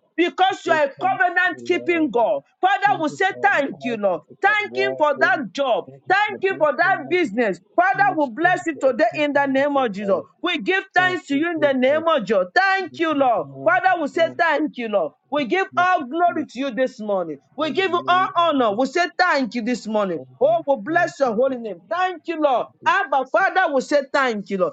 Speaker 1: We
Speaker 2: because you
Speaker 1: thank
Speaker 2: are a covenant
Speaker 1: you, Lord.
Speaker 2: keeping
Speaker 1: We
Speaker 2: God. Father,
Speaker 1: Thank
Speaker 2: we
Speaker 1: you
Speaker 2: say
Speaker 1: for our
Speaker 2: thank you,
Speaker 1: life.
Speaker 2: Lord.
Speaker 1: Thank you for
Speaker 2: Thank him
Speaker 1: wealth.
Speaker 2: for
Speaker 1: Thank
Speaker 2: that job.
Speaker 1: thank you
Speaker 2: Thank
Speaker 1: for
Speaker 2: you for that
Speaker 1: blessing us.
Speaker 2: business. Father, we
Speaker 1: Ministry to
Speaker 2: bless you today
Speaker 1: open
Speaker 2: in the the name
Speaker 1: heaven,
Speaker 2: of Jesus.
Speaker 1: Lord.
Speaker 2: We give
Speaker 1: Thank
Speaker 2: thanks to
Speaker 1: you,
Speaker 2: you in the
Speaker 1: Jesus.
Speaker 2: name of Jesus.
Speaker 1: In
Speaker 2: Thank you,
Speaker 1: the
Speaker 2: Lord.
Speaker 1: name
Speaker 2: Father, we say thank you, Lord. We give
Speaker 1: Thank you,
Speaker 2: all glory
Speaker 1: Jesus.
Speaker 2: to you this morning. We give you all
Speaker 1: Hallelujah.
Speaker 2: honor.
Speaker 1: Amen.
Speaker 2: We say thank you this morning.
Speaker 1: Amen.
Speaker 2: Oh, we bless your holy name. Thank you, Lord.
Speaker 1: Thank you,
Speaker 2: Abba,
Speaker 1: Jesus.
Speaker 2: Father, we say thank you, Lord.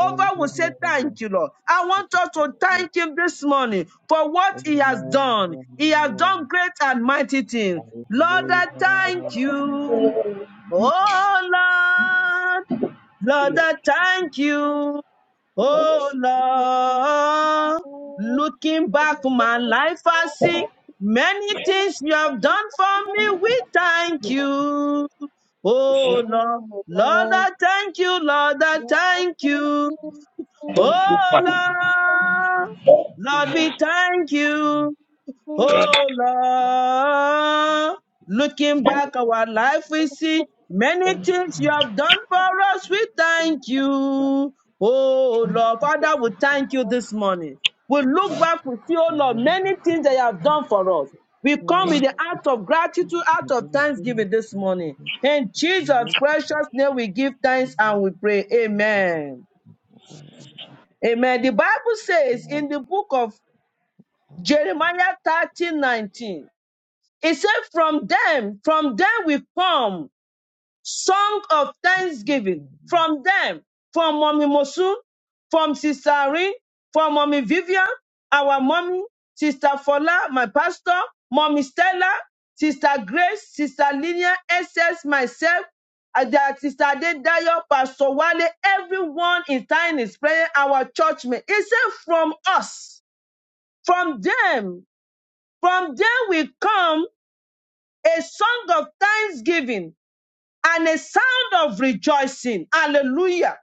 Speaker 1: Amen.
Speaker 2: will
Speaker 1: Thank
Speaker 2: say thank you, Lord. I want
Speaker 1: you,
Speaker 2: us
Speaker 1: Jesus.
Speaker 2: to thank him this morning for what
Speaker 1: Amen.
Speaker 2: he has done. He has done
Speaker 1: Amen.
Speaker 2: great and mighty things. Lord, I
Speaker 1: Hallelujah.
Speaker 2: thank you. Oh, Lord. Lord, I thank you. Oh Lord, looking back my life, I see
Speaker 1: Oh, Lord, Lord, Lord, Lord, Lord, Lord, Lord, Lord. Oh, Lord, Lord, Lord,
Speaker 2: many things you have done for me. We thank
Speaker 1: Lord,
Speaker 2: you. Oh Lord, Lord, I thank you. Lord, I thank you.
Speaker 3: Thank you,
Speaker 2: Oh
Speaker 3: Father.
Speaker 2: Lord, Lord, we thank you. Oh Lord, looking back our life, we see many things you have done for us. We thank you. Oh Lord, Father, we thank you this morning. We look back, we see, oh Lord, many things that you have done for us. We come with the act of gratitude,
Speaker 1: Lord,
Speaker 2: act of thanksgiving this morning. In
Speaker 1: Lord,
Speaker 2: Jesus' precious name, we give thanks and we pray. Amen.
Speaker 1: Lord,
Speaker 2: Amen. The Bible says in
Speaker 1: Lord,
Speaker 2: the book of Jeremiah thirteen nineteen. It said, From them, from them we form song of thanksgiving.
Speaker 1: Lord.
Speaker 2: From them, from Mommy Mosu, from Sister Irene, from Mommy Vivian, our mommy, Sister Fola, my pastor, Mommy Stella, Sister Grace, Sister Linia, SS, myself, and that Sister Adedayo, Pastor Wale, everyone in time is praying our churchmen. mate. It said, From us, from them, from them we come a song of thanksgiving and a sound of rejoicing. Hallelujah.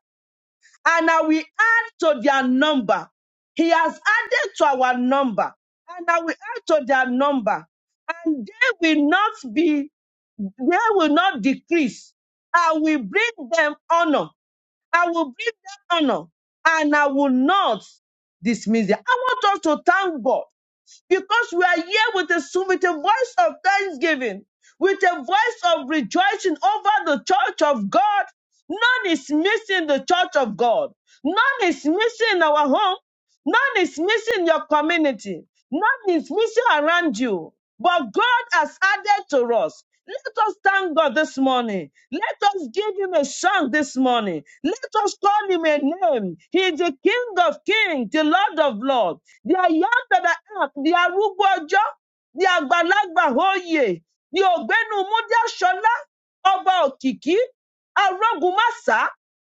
Speaker 2: And I will add to their number. He has added to our number. And I will add to their number. And they will not be, they will not decrease. I will bring them honor. I will bring them honor. And I will not dismiss them. I want us to thank God because we are here with a with a voice of thanksgiving, with a voice of rejoicing over the church of God. None is missing the church of God. None is missing our home. None is missing your community. None is missing around you. But God has added to us. Let us thank God this morning. Let us give him a song this morning. Let us call him a name. He is the King of Kings, the Lord of Lords. They are young that are out. They are arúgbó ọjọ́. They are àgbàlagbà oyè. Ní ògbénu Múdí Aṣọlá, ọba òkìkí, arógunmáṣá,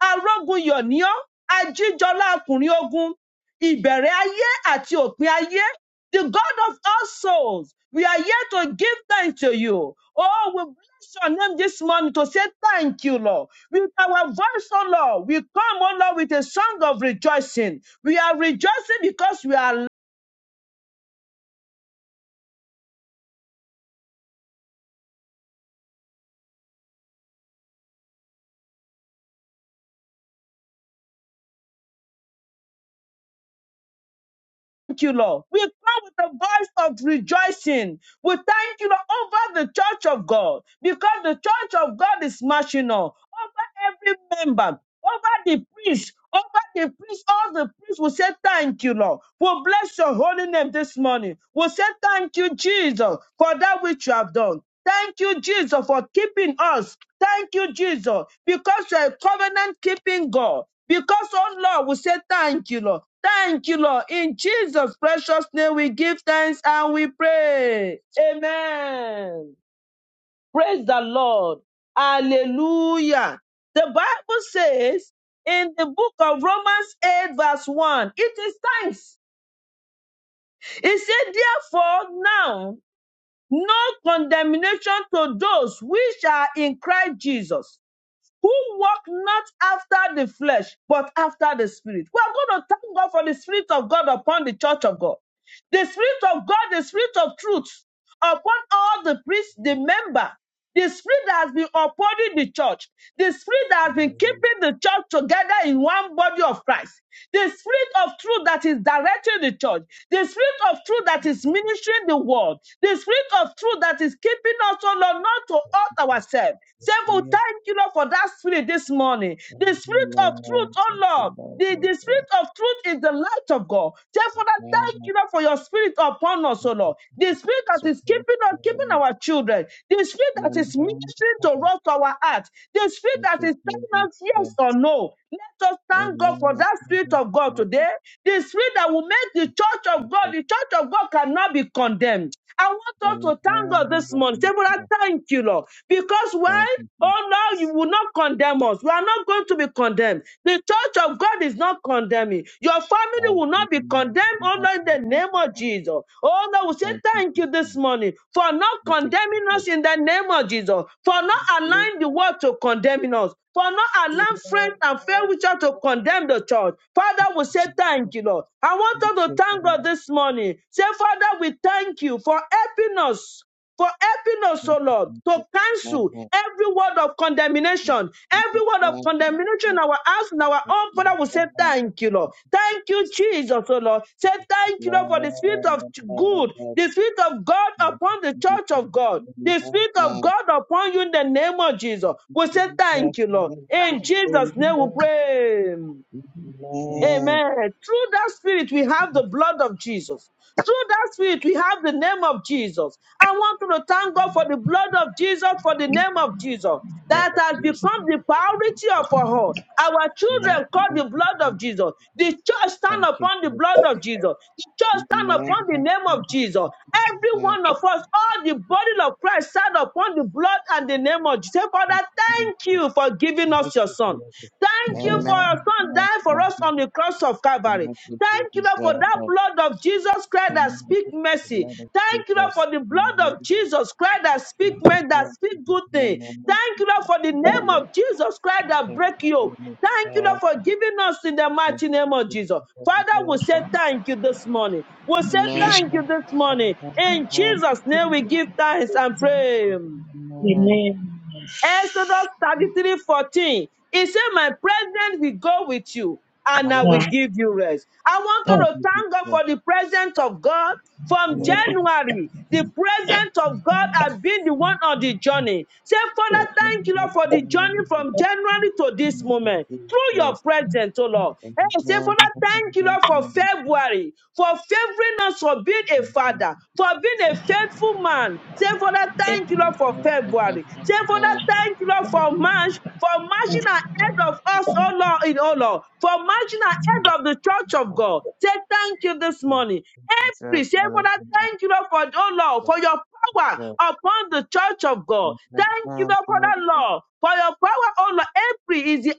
Speaker 2: arógunyọ̀níọ́, ajíjọlá akùnrin ogun, ìbẹ̀rẹ̀ ayé àti òpin ayé. The God of all souls, we are here to give thanks to you. Oh, we bless your name this morning to say thank you, Lord. With our voice, oh Lord, we come, oh Lord, with a song of rejoicing. We are rejoicing because we are thank you, Lord. We cry with a voice of rejoicing. We thank you, Lord, over the church of God because the church of God is marching on over every member, over the priest, over the priest. All the priests will say, Thank you, Lord. We'll bless your holy name this morning. We'll say, Thank you, Jesus, for that which you have done. Thank you, Jesus, for keeping us. Thank you, Jesus, because you're a covenant keeping God. Because, oh Lord, we say thank you, Lord. Thank you, Lord. In Jesus' precious name, we give thanks and we pray. Amen. Praise the Lord. Hallelujah. The Bible says in the book of Romans 8, verse 1, it is thanks. It said, therefore, now, no condemnation to those which are in Christ Jesus who walk not after the flesh, but after the spirit. We are going to thank God for the spirit of God upon the church of God. The spirit of God, the spirit of truth upon all the priests, the member. The spirit that has been upholding the church, the spirit that has been keeping the church together in one body of Christ, the spirit of truth that is directing the church, the spirit of truth that is ministering the world, the spirit of truth that is keeping us, oh Lord, not to hurt ourselves. Say, we
Speaker 1: Yeah,
Speaker 2: thank you, Lord, for that spirit this morning.
Speaker 1: Lord,
Speaker 2: The spirit of truth, oh
Speaker 1: thank you,
Speaker 2: Lord,
Speaker 1: Lord,
Speaker 2: the,
Speaker 1: Lord,
Speaker 2: the spirit
Speaker 1: Lord. Lord,
Speaker 2: of truth is the light of God. Therefore, Father, thank you Lord, for your spirit upon us, O
Speaker 1: thank you,
Speaker 2: Lord. The spirit
Speaker 1: Jesus.
Speaker 2: that
Speaker 1: Lord, Lord,
Speaker 2: is keeping us, keeping our children. The spirit that
Speaker 1: Lord,
Speaker 2: is ministering to us, to our heart. The spirit that is telling us yes or no. Let us thank
Speaker 1: thank
Speaker 2: God
Speaker 1: you, Lord,
Speaker 2: for that spirit of God
Speaker 1: Lord. Amen.
Speaker 2: today. The spirit that will make
Speaker 1: Thank you. Jesus.
Speaker 2: the church of God, the church of God cannot be condemned. I want us to thank God
Speaker 1: Hallelujah.
Speaker 2: this
Speaker 1: Thank
Speaker 2: morning.
Speaker 1: you.
Speaker 2: Say, Lord, I
Speaker 1: Jesus.
Speaker 2: thank you, Lord. Because
Speaker 1: Thank
Speaker 2: why?
Speaker 1: you.
Speaker 2: Oh, Lord, you
Speaker 1: Jesus.
Speaker 2: will not condemn us. We are not going to be condemned. The church of God is not condemning. Your family will not be
Speaker 1: Hallelujah.
Speaker 2: condemned,
Speaker 1: Jesus.
Speaker 2: oh, Lord, in the name of Jesus. Oh, Lord, we say
Speaker 1: Thank you,
Speaker 2: thank you this morning for not condemning
Speaker 1: Lord.
Speaker 2: us in the name of Jesus, for
Speaker 1: Thank you,
Speaker 2: not allowing
Speaker 1: Jesus.
Speaker 2: the world to condemn us for not allowing friends and fellow church to condemn the church. Father, we say thank you, Lord. I want us to thank God this morning. Say, Father, we thank you for helping us for helping us, O Lord, to cancel every word of condemnation, every word of condemnation situation, our house, and our home, Father, we say
Speaker 1: Hallelujah.
Speaker 2: thank you, Lord. Thank you,
Speaker 1: Jesus.
Speaker 2: Jesus, oh Lord. Say thank you, Lord, for the spirit
Speaker 1: Lord,
Speaker 2: of
Speaker 1: Lord,
Speaker 2: good,
Speaker 1: Lord,
Speaker 2: the spirit of God
Speaker 1: thank
Speaker 2: upon the
Speaker 1: you,
Speaker 2: church of
Speaker 1: Jesus.
Speaker 2: God. The Spirit of
Speaker 1: Hallelujah.
Speaker 2: God upon you in the name of Jesus. We say
Speaker 1: Jesus.
Speaker 2: thank you, Lord. In
Speaker 1: Hallelujah.
Speaker 2: Jesus' name we
Speaker 1: Amen.
Speaker 2: pray.
Speaker 1: Amen. Lord
Speaker 2: Amen. Through that spirit, we have the blood of Jesus. Through that spirit, we have the name of Jesus. I want you to thank God for the blood of Jesus, for the name of Jesus that
Speaker 1: of
Speaker 2: has
Speaker 1: Jesus.
Speaker 2: become the
Speaker 1: Lord of
Speaker 2: priority
Speaker 1: Jesus.
Speaker 2: of our all. Our
Speaker 1: Amen.
Speaker 2: children call
Speaker 1: Thank
Speaker 2: the
Speaker 1: you,
Speaker 2: blood of Jesus. The church stand upon the
Speaker 1: Jesus.
Speaker 2: blood of Jesus. The church stand
Speaker 1: Amen.
Speaker 2: upon the
Speaker 1: Thank
Speaker 2: name of Jesus.
Speaker 1: you,
Speaker 2: Every one of us, all the body of Christ stand upon the blood and the name of Jesus. Say, Father, thank
Speaker 1: Jesus.
Speaker 2: you for giving us giving
Speaker 1: Thank
Speaker 2: us your
Speaker 1: you,
Speaker 2: son.
Speaker 1: Jesus.
Speaker 2: Thank you for
Speaker 1: Amen.
Speaker 2: your son dying for us on the
Speaker 1: Thank
Speaker 2: cross of Calvary.
Speaker 1: you,
Speaker 2: Thank you,
Speaker 1: Jesus.
Speaker 2: Lord, for that blood of Jesus Christ that
Speaker 1: Amen.
Speaker 2: speak mercy.
Speaker 1: Lord of
Speaker 2: Thank you, Lord,
Speaker 1: Jesus.
Speaker 2: for the blood
Speaker 1: Amen.
Speaker 2: of Jesus Christ that speak
Speaker 1: Amen.
Speaker 2: men that speak good thing.
Speaker 1: Amen.
Speaker 2: Thank you, Lord, for the name
Speaker 1: Hallelujah.
Speaker 2: of Jesus Christ that
Speaker 1: Thank
Speaker 2: break
Speaker 1: you,
Speaker 2: yoke.
Speaker 1: Jesus.
Speaker 2: Thank you, Lord, for giving us in the mighty name of Jesus. Father, we say thank you this morning. We say
Speaker 1: Amen.
Speaker 2: thank you this morning. In
Speaker 1: Amen.
Speaker 2: Jesus' name, we give thanks and pray.
Speaker 1: Amen.
Speaker 3: Amen.
Speaker 2: Exodus 33 14. It said, My presence will go with you and I
Speaker 3: Now,
Speaker 2: will
Speaker 1: Hallelujah.
Speaker 2: give you rest. I want you
Speaker 1: Thank
Speaker 3: now,
Speaker 2: to
Speaker 1: you,
Speaker 2: thank God
Speaker 1: Jesus.
Speaker 2: for the presence of God. From
Speaker 1: Hallelujah.
Speaker 2: January, the presence of God has been the one on the journey. Say,
Speaker 1: Amen.
Speaker 2: Father,
Speaker 1: Thank
Speaker 2: thank
Speaker 1: you,
Speaker 2: you,
Speaker 1: Jesus.
Speaker 2: Lord, for the journey
Speaker 1: Amen.
Speaker 2: from January to this
Speaker 1: Amen.
Speaker 2: moment. Through your
Speaker 1: Jesus.
Speaker 2: presence, oh Lord. Hey, say,
Speaker 1: Amen.
Speaker 2: Father,
Speaker 1: Jesus.
Speaker 2: thank you, Lord, for
Speaker 1: Hallelujah.
Speaker 2: February, for favoring us for being a father, for being a faithful man, Say, Father,
Speaker 3: Thank
Speaker 2: thank you, Lord,
Speaker 1: Jesus.
Speaker 2: for February. Say, Father,
Speaker 1: Amen.
Speaker 2: thank you, Lord, for March, for marching ahead of us, oh Lord, in oh Lord, for marching ahead
Speaker 1: Thank you,
Speaker 2: of the church
Speaker 1: Jesus.
Speaker 2: of
Speaker 1: Hallelujah.
Speaker 2: God. Say, thank you this morning. Every, say, Father, thank you, Lord, for, oh Lord, for your power upon the church of God. Thank you, Lord, for that, Lord, for your power, oh Lord. Every is the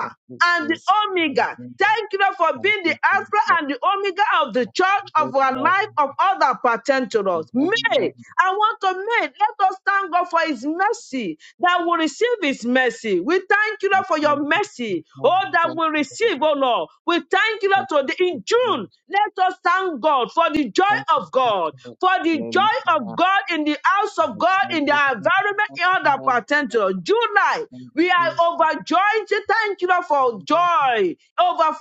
Speaker 1: Thank you,
Speaker 2: and the
Speaker 1: Jesus. Hallelujah.
Speaker 2: Omega.
Speaker 1: Amen.
Speaker 2: Thank you Lord, for being the Alpha
Speaker 1: Amen.
Speaker 2: and the Omega of the church, of
Speaker 1: Thank
Speaker 2: our life, of all that pertain to us. May, I want to make, let us thank God for His mercy, that we receive His mercy. We thank you, Lord, for your mercy,
Speaker 1: you,
Speaker 2: oh, that
Speaker 1: Lord.
Speaker 2: we receive, oh Lord. We thank you,
Speaker 1: Thank
Speaker 2: Lord, today
Speaker 1: you,
Speaker 2: in June.
Speaker 1: Jesus.
Speaker 2: Let us thank God for the joy
Speaker 1: Thank
Speaker 2: of
Speaker 1: you, Jesus.
Speaker 2: God, for the
Speaker 1: Hallelujah.
Speaker 2: joy of God in the house of God, in the environment, in all that
Speaker 1: Hallelujah.
Speaker 2: pertain to us. July,
Speaker 1: Thank you,
Speaker 2: we
Speaker 1: Jesus.
Speaker 2: are
Speaker 1: Thank
Speaker 2: overjoyed joy. Say thank you, Lord, for
Speaker 1: you, Jesus.
Speaker 2: joy,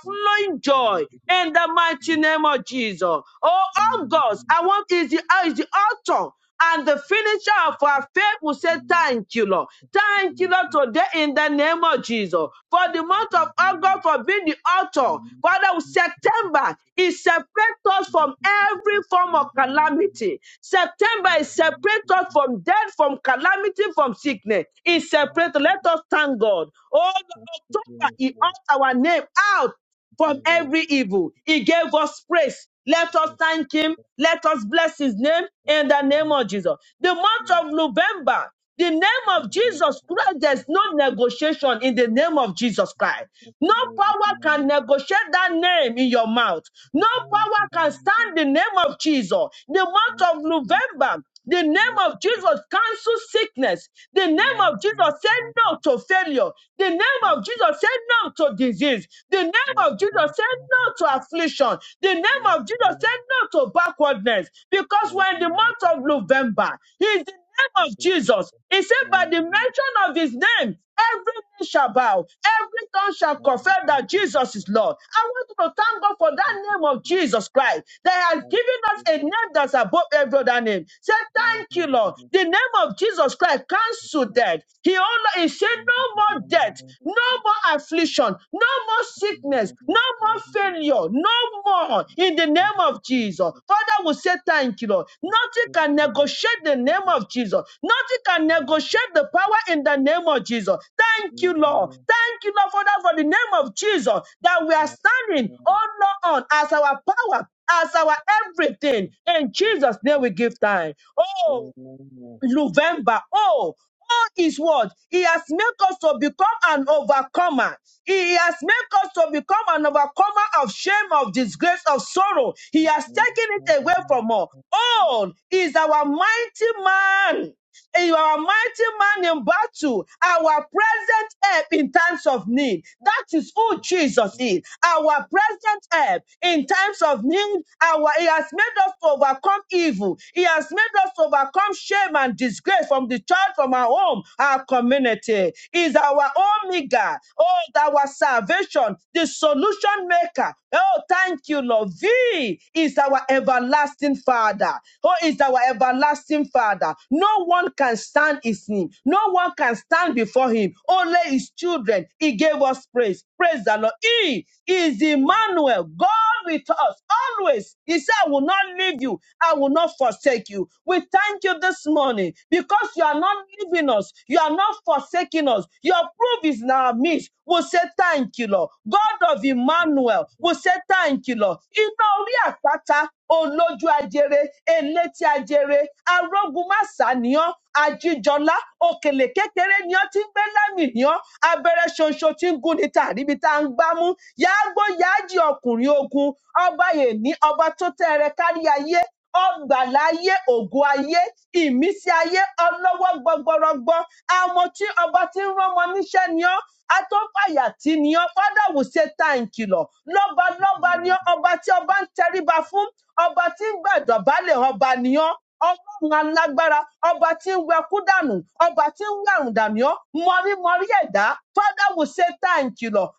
Speaker 1: Amen. Thank you, Jesus. Thank
Speaker 2: joy
Speaker 1: you, Jesus.
Speaker 2: in the mighty name of Jesus. Oh, August, I want is the, is the author and the finisher of our faith will
Speaker 1: Hallelujah.
Speaker 2: say,
Speaker 1: Amen.
Speaker 2: Thank you, Lord.
Speaker 1: Thank you,
Speaker 2: Thank you, Lord,
Speaker 1: Jesus.
Speaker 2: today in the name of Jesus. For the
Speaker 1: Hallelujah. Hallelujah. Thank you, Jesus.
Speaker 2: month of August, for being the author.
Speaker 1: Hallelujah.
Speaker 2: Father, with September, it separates us from
Speaker 1: Thank you, Jesus.
Speaker 2: every form of calamity. September, it separates us from death, from calamity, from sickness. It separates. Let let us thank God. Oh, October, He ought our name out from every evil. He gave us praise. Let us thank Him. Let us bless His name in the name of Jesus. The month of November, the name of Jesus
Speaker 1: Thank
Speaker 2: Christ,
Speaker 1: you.
Speaker 2: there's no negotiation in the name of Jesus Christ.
Speaker 1: Thank
Speaker 2: No power can negotiate that name in your mouth. No power can stand the name of Jesus. The month of November, the name of Jesus cancels sickness. The name of Jesus said no to failure. The name of Jesus said no to disease. The name of Jesus said no to affliction. The name of Jesus said no to backwardness. Because we're in the month of November. It's the name of Jesus. He said, by the mention of his name, every knee shall bow, every tongue shall confess that Jesus is Lord. I want to thank God for that name of Jesus Christ that has given us a name that's above every other name. Say, thank you, Lord. The name of Jesus Christ cancel death. He only he said, no more death, no more affliction, no more sickness sickness, no more failure, no more in the name of Jesus. Father, we say thank you, Lord. Nothing can negotiate the name of Jesus. Nothing can negotiate the power in the name of Jesus. Thank you, Lord. Thank you, Lord, Father, for the name of Jesus that we are standing,
Speaker 1: you.
Speaker 2: oh Lord, on as our power, as our everything.
Speaker 1: Yes,
Speaker 2: In
Speaker 1: yes,
Speaker 2: Jesus' name we
Speaker 1: amen.
Speaker 2: give time. Oh,
Speaker 1: Amen, yes,
Speaker 2: November. Oh, all is what? He has made us to become an overcomer. He has made us to become an overcomer of shame, of disgrace, of sorrow. He has taken it away
Speaker 1: amen.
Speaker 2: from us. All is our mighty man. You are a mighty man in battle, our present help in times of need. That is who Jesus is. Our present help in times of need. Our He has made us to overcome evil. He has made us to overcome shame and disgrace from the church, from our home, our community. He Is our omega, oh, our salvation, the solution maker. Oh, thank you, Lord. V is our everlasting Father. Father, who is our everlasting Father. No one can stand his name, no one can stand before him, only his children. He gave us praise. Praise the Lord. He is
Speaker 1: Yes, yes.
Speaker 2: Emmanuel, God with us always. He said, I will not leave you, I will not forsake you. We thank you this morning because you are not leaving us, you are not forsaking us. Your proof is in our midst. We say thank you, Lord. God of
Speaker 1: yes.
Speaker 2: Emmanuel, we say thank you, Lord. Iná orí àpáta olójú ajere elétí ajere arógunmáṣá ni ọ́ ajíjọlá òkèlè kékeré ni ọ́ tí ń gbé lámì ni ọ́ abẹ́rẹ́ ṣonṣo tí ń gún ni tàrí ibi tá à ń gbámú yáágbó yáájì ọkùnrin ogun ọba yèní ọba tó tẹ́rẹ kárí ayé ọgbàláyé ògo ayé ìmísí ayé ọlọ́wọ́ gbọgbọrọgbọ àwọn tí ọba tí ń rán wọn níṣẹ́ ni ọ́ atọ́fàyà tí ni ọ́ fádà wò ṣe ta ìkìlọ̀ lọ́ba
Speaker 1: Thank you,
Speaker 2: lọ́ba ni
Speaker 1: Lord.
Speaker 2: ọ́ ọba tí ọba ń tẹríba fún ọba tí ń gbàdọ̀bálẹ̀ ọba ni ọ́ ọlọ́run alágbára ọba tí ń wẹ kú dànù ọba tí ń wẹ àrùn dàmí ọ mọrímọrí ẹ̀dá father we say thank you lord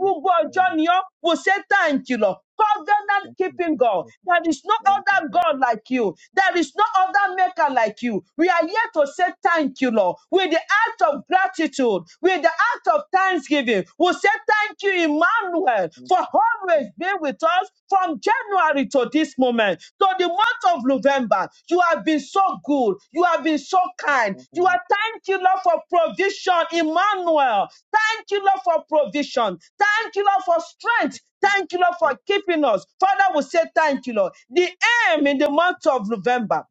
Speaker 1: Yes, Lord.
Speaker 2: ọjọ́ ni ọ́ we say thank you lord covenant
Speaker 1: Thank you,
Speaker 2: keeping god
Speaker 1: Jesus.
Speaker 2: there is no
Speaker 1: Amen. Thank you,
Speaker 2: other god like you there is no other maker like you we are here to say thank you lord with the heart of gratitude with the heart of thanksgiving we say thank you, Emmanuel,
Speaker 1: amen.
Speaker 2: for always
Speaker 1: Thank
Speaker 2: being with us from January to this moment, to the month of November. You have been so good. You have been so kind. You are thank you, Lord, for provision, Emmanuel. Thank you, Lord, for provision. Thank you, Lord, for strength.
Speaker 1: you,
Speaker 2: Thank you, Lord,
Speaker 1: Jesus.
Speaker 2: for keeping us. Father, we say thank you, Lord. The aim in the month of November.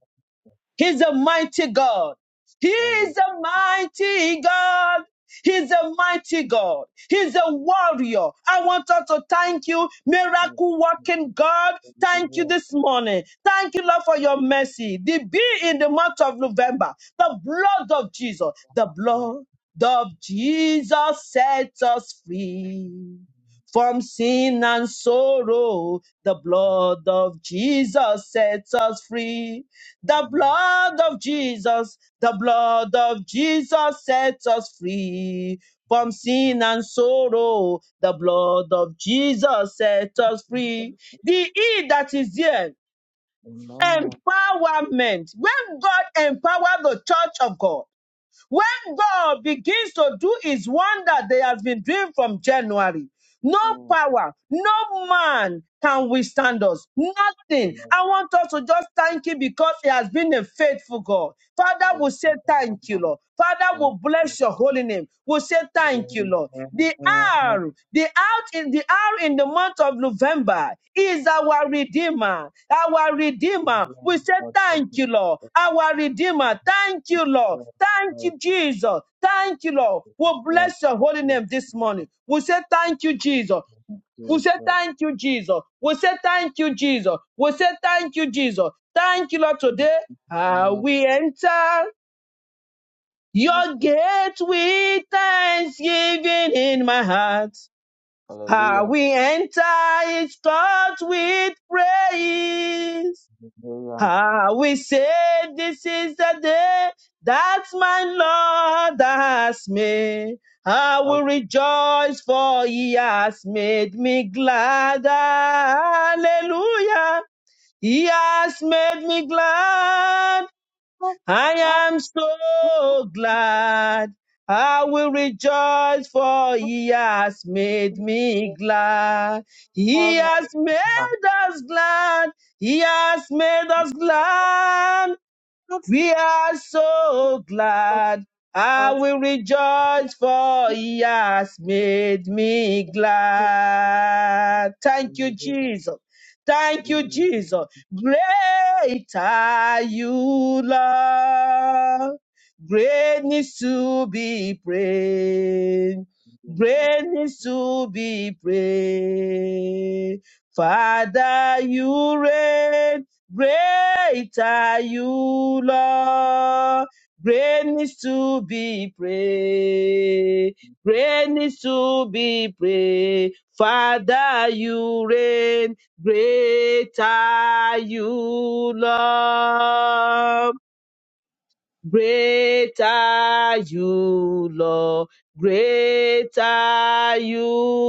Speaker 2: He's a mighty God. He
Speaker 1: Hallelujah.
Speaker 2: is
Speaker 1: Hallelujah.
Speaker 2: a mighty God. He's a mighty God. He's a warrior. I want us to thank you,
Speaker 1: Amen. Mm.
Speaker 2: miracle working God.
Speaker 1: Yes,
Speaker 2: Thank you
Speaker 1: Lord. Amen. Thank
Speaker 2: this morning. Thank you, Lord, for your mercy. The be in the month of November, the blood of Jesus, the
Speaker 1: you,
Speaker 2: blood of Jesus sets us free from sin and sorrow. The blood of Jesus sets us free the blood of Jesus, the blood of Jesus sets us free from
Speaker 1: Jesus.
Speaker 2: sin and sorrow. The blood of Jesus sets us free. The E that is here, empowerment. When God empowered the church of God, when God begins to do his wonder that has been doing from January, no power, no man can withstand us. Nothing. I want us to just thank Him because He has been a faithful God. Father, we say thank you, Lord. Father, we bless your holy name. We say thank you, Lord. The
Speaker 1: Amen.
Speaker 2: R, the out in the hour, in the month of November is our redeemer. Our redeemer. We say
Speaker 1: Lord, thank
Speaker 2: thank
Speaker 1: you,
Speaker 2: you, Lord.
Speaker 1: Jesus.
Speaker 2: Our redeemer. Thank you, Lord.
Speaker 1: Yes,
Speaker 2: Thank
Speaker 1: Lord.
Speaker 2: you, Jesus. Thank you, Lord. We
Speaker 1: Yeah,
Speaker 2: bless your holy
Speaker 1: thank
Speaker 2: name this morning. We say thank you, Jesus. We
Speaker 1: you,
Speaker 2: say
Speaker 1: Jesus.
Speaker 2: thank you, Jesus. We say thank you, Jesus. We say thank you, Jesus. Thank you, Lord. Today, Ah,
Speaker 1: Yeah,
Speaker 2: we enter
Speaker 1: it's
Speaker 2: your
Speaker 1: good.
Speaker 2: gate with thanksgiving in my heart. Ah,
Speaker 1: Hallelujah.
Speaker 2: we enter his court with praise.
Speaker 1: Hallelujah.
Speaker 2: Ah, we say this is the day that my Lord has made. I
Speaker 1: Our
Speaker 2: will rejoice for he has made me glad. Hallelujah. He has made me glad. I am so glad. I will rejoice for he has made me glad.
Speaker 1: God
Speaker 2: He
Speaker 1: has
Speaker 2: has
Speaker 1: done
Speaker 2: made us glad. He has made us glad. We are so glad. I will rejoice for he has made me glad. Thank you,
Speaker 1: Hallelujah.
Speaker 2: Jesus. Thank you,
Speaker 1: Amen.
Speaker 2: Jesus. Great are you, Lord. Great needs to be praised. Great needs to be praised. Father, you reign. Great are you, Lord. Great needs to be praised. Great needs to be praised. Father, you reign. Great are you, Lord. Great are you, Lord. Great are you,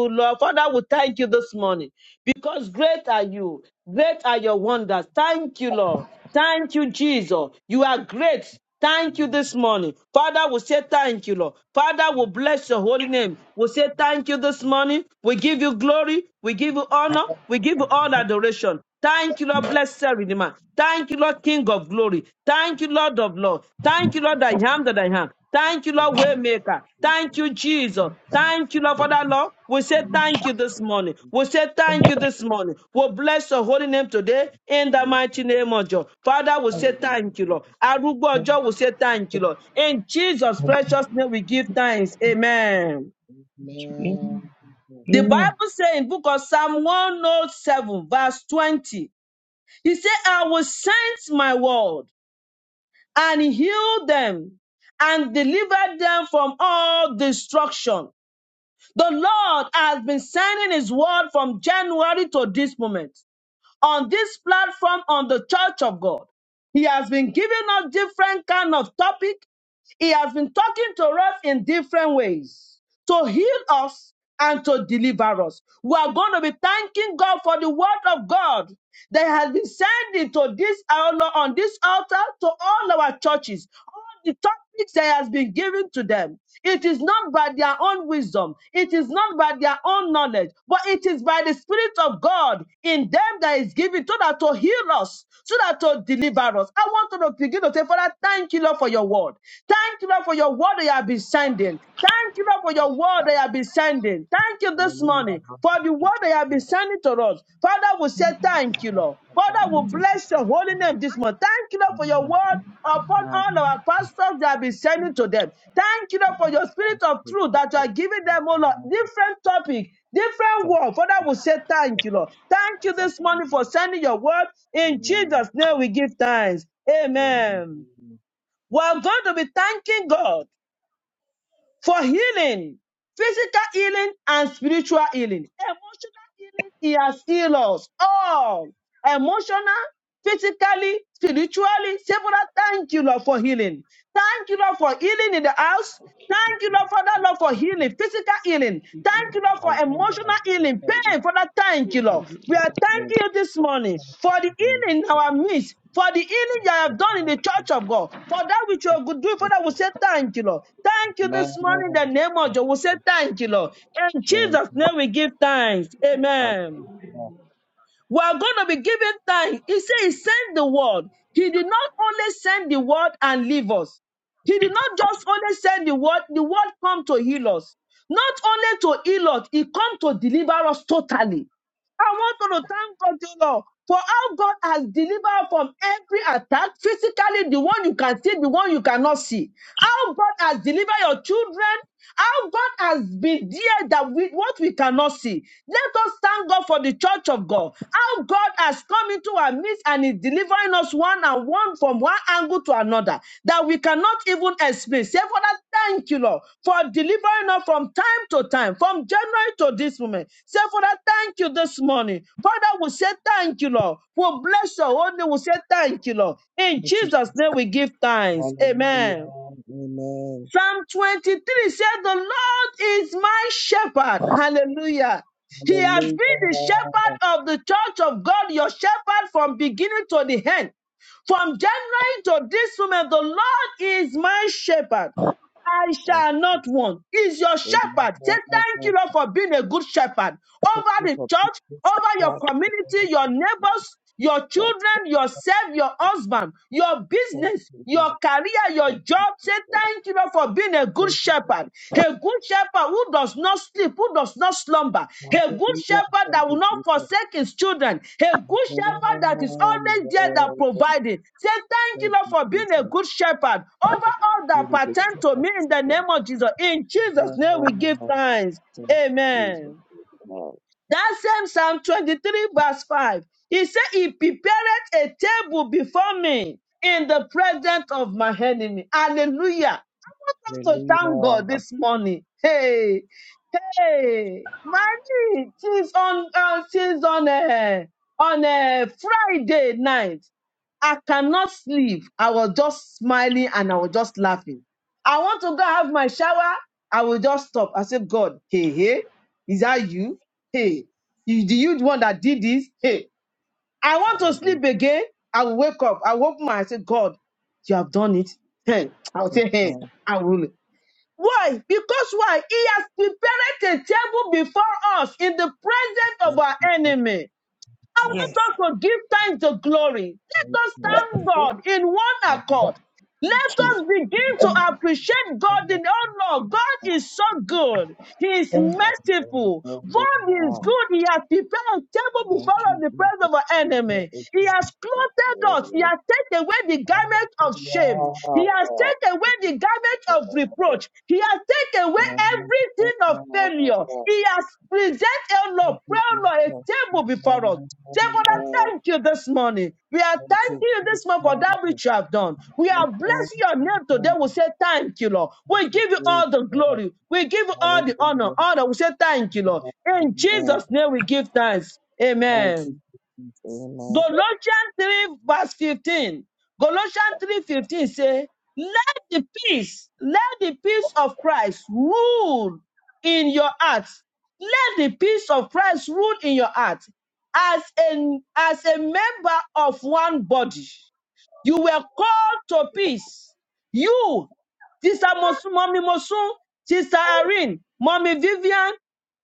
Speaker 2: Lord. Father, we thank you this morning because great are you. Great are your wonders. Thank you, Lord. Thank you, Jesus. You are great. Thank you
Speaker 1: Amen.
Speaker 2: this morning. Father, we say thank you, Lord. Father, we bless your holy name. We say thank you this morning. We give you glory. We give you honor. We give you all adoration. Thank you, Lord, blessed Redeemer. Thank you, Lord, King of glory. Thank you, Lord of Lord. Thank you, Lord, I am that I am.
Speaker 1: Thank
Speaker 2: Thank you,
Speaker 1: you,
Speaker 2: Lord
Speaker 1: Lord Jesus.
Speaker 2: Waymaker. Thank you,
Speaker 1: Amen.
Speaker 2: Jesus. Thank you, Lord, for that, Lord. We say thank you this morning. We say thank you this morning. We bless your holy name today in the
Speaker 1: Praise God.
Speaker 2: mighty name of God. Father, we say
Speaker 1: Amen.
Speaker 2: thank you, Lord. Arugbo Ojo, we say thank you, Lord. In Jesus' precious name, we give thanks. Amen.
Speaker 3: you.
Speaker 1: Amen.
Speaker 2: The
Speaker 3: Amen.
Speaker 2: Bible says in book of Psalm 107, verse 20, he said, I will send my word and heal them and deliver them from all destruction. The Lord has been sending His word from January to this moment. On this platform, on the Church of God, He has been giving us different kind of topic he has been talking to us in different ways to heal us and to deliver us. We are going to be thanking God for the word of God that has been sent into this hour on this altar to all our churches, all the topics that has been given to them. It is not by their own wisdom, it is not by their own knowledge, but it is by the Spirit of God in them that is given so that to heal us, so that to deliver us. I want to begin to say, Father, thank you, Lord, for your for your word. Thank you, Lord, for your word that you have been sending. Thank you, Lord, for your word that you have been sending. Thank you this
Speaker 1: Hallelujah.
Speaker 2: morning
Speaker 1: Thank
Speaker 2: for the
Speaker 1: you,
Speaker 2: word that you have been
Speaker 1: Jesus.
Speaker 2: sending to us. Father, we say
Speaker 1: Amen.
Speaker 2: thank you, Lord.
Speaker 1: Thank
Speaker 2: Father,
Speaker 1: you,
Speaker 2: we
Speaker 1: Jesus.
Speaker 2: bless your holy name this morning. Thank you, Lord,
Speaker 1: Amen.
Speaker 2: for your
Speaker 1: Thank
Speaker 2: word
Speaker 1: you, Jesus.
Speaker 2: upon
Speaker 1: Amen.
Speaker 2: all our pastors that have been sending to them. Thank you, Lord, for your
Speaker 1: Thank
Speaker 2: spirit
Speaker 1: you, Jesus. Hallelujah. I'm preaching.
Speaker 2: of
Speaker 1: I'm preaching.
Speaker 2: truth that you are giving them, oh Lord,
Speaker 1: I'm preaching. Amen.
Speaker 2: different topic, different word. Father, we say thank you, Lord. Thank you this morning for sending your word. In Jesus' name we give thanks. Amen. We're going to be thanking God for healing, physical healing and spiritual healing. Emotional healing, He has healed us all. Emotional, physically, spiritually, several. Thank you, Lord, for healing. Thank you, Lord, for healing in the house. Thank you, Lord, Father, Lord, for healing, physical healing. Thank you, Lord,
Speaker 1: Amen.
Speaker 2: for emotional healing, pain. Father, thank you, Lord. We are
Speaker 1: Hallelujah.
Speaker 2: thanking you this morning
Speaker 1: Amen.
Speaker 2: for the
Speaker 1: Amen.
Speaker 2: healing in our midst for the healing you have done in the church of God, for that which you could do, Father, we say thank you, Lord. Thank you this morning in the name of Jesus. We say thank you, Lord. In Jesus' name we give thanks. Amen.
Speaker 1: Hallelujah.
Speaker 2: We are going to be giving thanks. He said he sent the word. He did not only send the word and leave us. He did not just only send the word, the word come to heal us. Not only to heal us, it come to deliver us totally. I want to thank God, you know, for how God has delivered from every attack, physically, the one you can see, the one you cannot see. How God has delivered your children. How God has been there that with what we cannot see. Let us thank God for the church of God. How God has come into our midst and is delivering delivering us one and one from one angle to another that we cannot even explain. Say, Father, thank you, Lord, for delivering us from time to time, from January to this moment. Say, Father, thank you this morning. Father, we say thank you, Lord. We bless your holy name. We say thank you, Lord. In
Speaker 1: Thank you.
Speaker 2: Jesus' name, we give thanks.
Speaker 1: Hallelujah.
Speaker 2: Amen.
Speaker 1: Amen.
Speaker 2: Psalm 23 said, The Lord is my shepherd. Hallelujah. He has been the shepherd
Speaker 1: Hallelujah.
Speaker 2: of the church of God, your shepherd from beginning to the end. From January to this moment, the Lord is my shepherd. I
Speaker 1: Thank
Speaker 2: shall
Speaker 1: you.
Speaker 2: not want. He's your shepherd. Say
Speaker 1: Amen.
Speaker 2: thank you, Lord, for being a good shepherd
Speaker 1: Thank
Speaker 2: over
Speaker 1: you
Speaker 2: the
Speaker 1: for being
Speaker 2: church,
Speaker 1: this
Speaker 2: over your
Speaker 1: Christ.
Speaker 2: community, your neighbors, your children, yourself, your husband, your
Speaker 1: Thank
Speaker 2: business,
Speaker 1: you, Lord.
Speaker 2: your career, your
Speaker 1: Thank you,
Speaker 2: job. Say
Speaker 1: Jesus.
Speaker 2: thank you, Lord, for being a good
Speaker 1: Thank
Speaker 2: shepherd. A a good shepherd who does not sleep, who does not slumber. A good
Speaker 1: you, Hallelujah.
Speaker 2: shepherd
Speaker 1: Thank
Speaker 2: that will
Speaker 1: you,
Speaker 2: not
Speaker 1: Jesus.
Speaker 2: forsake his children. A good shepherd
Speaker 1: Amen,
Speaker 2: that is always there that
Speaker 1: Lord.
Speaker 2: providing. Say thank you,
Speaker 1: Thank
Speaker 2: Lord,
Speaker 1: you,
Speaker 2: for being a
Speaker 1: Jesus.
Speaker 2: good shepherd over
Speaker 1: Thank
Speaker 2: all that
Speaker 1: you,
Speaker 2: pertain to me in the
Speaker 1: Jesus.
Speaker 2: name of Jesus. In Jesus' name we give
Speaker 1: Amen.
Speaker 2: thanks.
Speaker 1: Thank you, Jesus.
Speaker 2: Amen.
Speaker 1: Amen.
Speaker 2: That same Psalm 23, verse 5. He said, He prepareth a table before me in the presence of my enemy. Hallelujah. I want us to thank God
Speaker 1: Hallelujah.
Speaker 2: this morning. Hey, hey, Maggie, since on, uh, since on, a on a Friday night, I cannot sleep. I was just smiling and I was just laughing. I want to go have my shower. I will just stop. I said, God, hey, hey, is that you? Hey, you, the huge one that did this. Hey, I want to sleep
Speaker 1: Hallelujah.
Speaker 2: again. I will wake up. I will open my eyes. and Say, God, you have done it. Hey, I'll say, hey,
Speaker 1: Amen.
Speaker 2: I will. Why? Because why? He has prepared a table before us in the presence of our
Speaker 1: Amen.
Speaker 2: enemy. I
Speaker 1: Jesus.
Speaker 3: Yes.
Speaker 2: want us to give thanks to glory.
Speaker 1: Thank
Speaker 2: Let us
Speaker 1: you,
Speaker 3: Lord,
Speaker 1: Jesus.
Speaker 2: thank
Speaker 3: Thank you.
Speaker 2: God in one
Speaker 1: Amen.
Speaker 2: accord. Let us begin to
Speaker 3: Thank
Speaker 2: appreciate God in
Speaker 1: Hallelujah.
Speaker 2: all Lord. God is so good. He is
Speaker 3: thank you,
Speaker 2: merciful. God is good. He has prepared a table before
Speaker 1: Thank you,
Speaker 2: us in the presence
Speaker 1: Jesus.
Speaker 2: of our
Speaker 1: We
Speaker 2: enemy.
Speaker 1: thank you,
Speaker 2: He has
Speaker 1: Jesus.
Speaker 2: clothed us. He has taken away the garment of shame. He has
Speaker 1: Hallelujah.
Speaker 2: taken
Speaker 1: Thank
Speaker 2: away
Speaker 1: you,
Speaker 2: the garment of
Speaker 1: Jesus.
Speaker 2: reproach. He has taken away
Speaker 1: Amen.
Speaker 2: everything of failure. He has presented, oh Lord,
Speaker 1: Thank you,
Speaker 2: pray, oh Lord, a
Speaker 1: Jesus.
Speaker 2: table before us.
Speaker 1: Amen.
Speaker 2: Say, Father, thank you this morning. We are
Speaker 1: Thank you,
Speaker 2: thanking you this morning for that
Speaker 1: Jesus.
Speaker 2: which you have done. We are blessing your name today.
Speaker 1: Amen.
Speaker 2: We say, Thank you, Lord. We
Speaker 1: Thank
Speaker 2: give you
Speaker 1: you,
Speaker 2: all the
Speaker 1: Jesus.
Speaker 2: glory. We give you all the honor.
Speaker 1: Hallelujah.
Speaker 2: Honor. We say, Thank you, Lord. In
Speaker 1: Amen.
Speaker 2: Jesus' name, we give thanks.
Speaker 1: Thank you,
Speaker 2: Amen.
Speaker 1: Jesus. Amen.
Speaker 2: Colossians 3 verse 15. Colossians 3 fifteen say, let the peace, let the peace of Christ rule in your heart. Let the peace of Christ rule in your heart. As a, as a member of one body, you were called to peace. You, Sister Mosu, Mommy Mosu, Sister Irene, Mommy Vivian,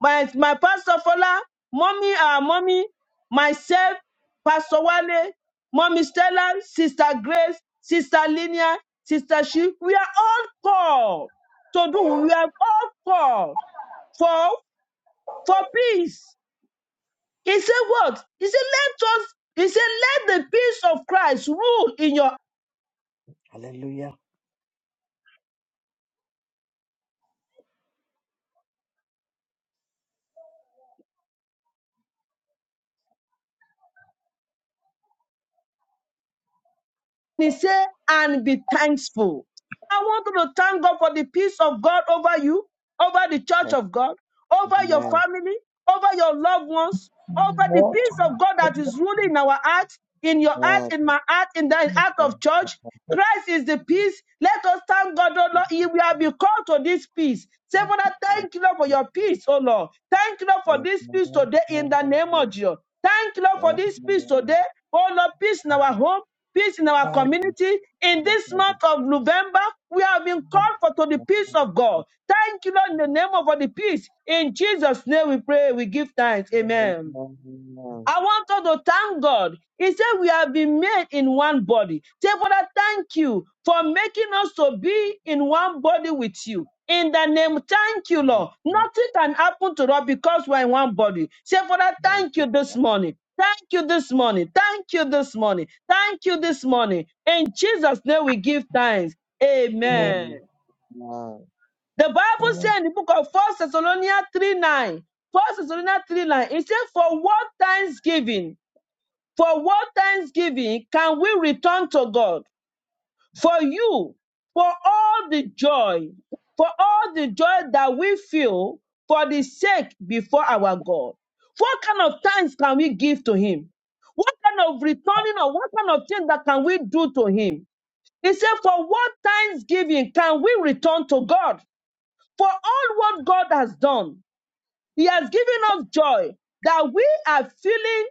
Speaker 2: my, my Pastor Fola, Mommy, uh, Mommy myself, Pastor Wale, Mommy Stella, Sister Grace, Sister Linia, Sister She, we are all called to do. We are all called for for peace. He said what? He said, let us, he said, let the peace of Christ rule in your He said, and be thankful. I want you to thank God for the peace of God over you, over the church
Speaker 1: Thank
Speaker 2: of God,
Speaker 1: you,
Speaker 2: over your
Speaker 1: Amen.
Speaker 2: family, over your loved ones, over the
Speaker 3: Lord.
Speaker 2: peace of God that is ruling in our heart, in your heart,
Speaker 1: God,
Speaker 2: in my heart, in the heart
Speaker 1: thank
Speaker 2: of church. Christ is the peace. Let us thank God, oh
Speaker 1: you,
Speaker 2: Lord. He- We have been called to this peace. Say, Father,
Speaker 1: thank you,
Speaker 2: thank you, Lord, for your
Speaker 1: Jesus.
Speaker 2: peace, oh Lord. Thank you, Lord, for this peace
Speaker 1: Amen.
Speaker 2: today in the name of Jesus. Thank you, Lord, for
Speaker 1: Amen. Amen.
Speaker 2: this peace today. Oh Lord, peace in our home, peace in our
Speaker 1: Thank
Speaker 2: community. In
Speaker 1: you, thank you, Jesus. Amen.
Speaker 2: this
Speaker 1: Amen. Amen. Amen.
Speaker 2: month of November, we have been called for to the peace of God. Thank you, Lord, in the name of the peace. In Jesus' name we pray, we give thanks. Amen. I want us to thank God. He said we have been made in one body. Say, Father, thank you for making us to be in one body with you. In the name, thank you, Lord.
Speaker 1: Thank
Speaker 2: Nothing can happen to us because we're in one body. Say, Father, thank you this morning. Thank you this morning. Thank you this morning. Thank you this morning. In Jesus' name we give thanks.
Speaker 3: Amen.
Speaker 2: Amen.
Speaker 1: you, Jesus.
Speaker 2: The Bible
Speaker 3: Amen.
Speaker 2: says in the book of First Thessalonians 3 9, 1 Thessalonians 3 9, it says, For what thanksgiving for what thanksgiving can we return to God? For you, for all the joy, for all the joy that we feel for the sake before our God. What kind of thanks can we give to Him? What kind of returning or what kind of thing that can we do to Him? He said, For what thanksgiving can we return to God? For all what God has done, He has given us joy that we are feeling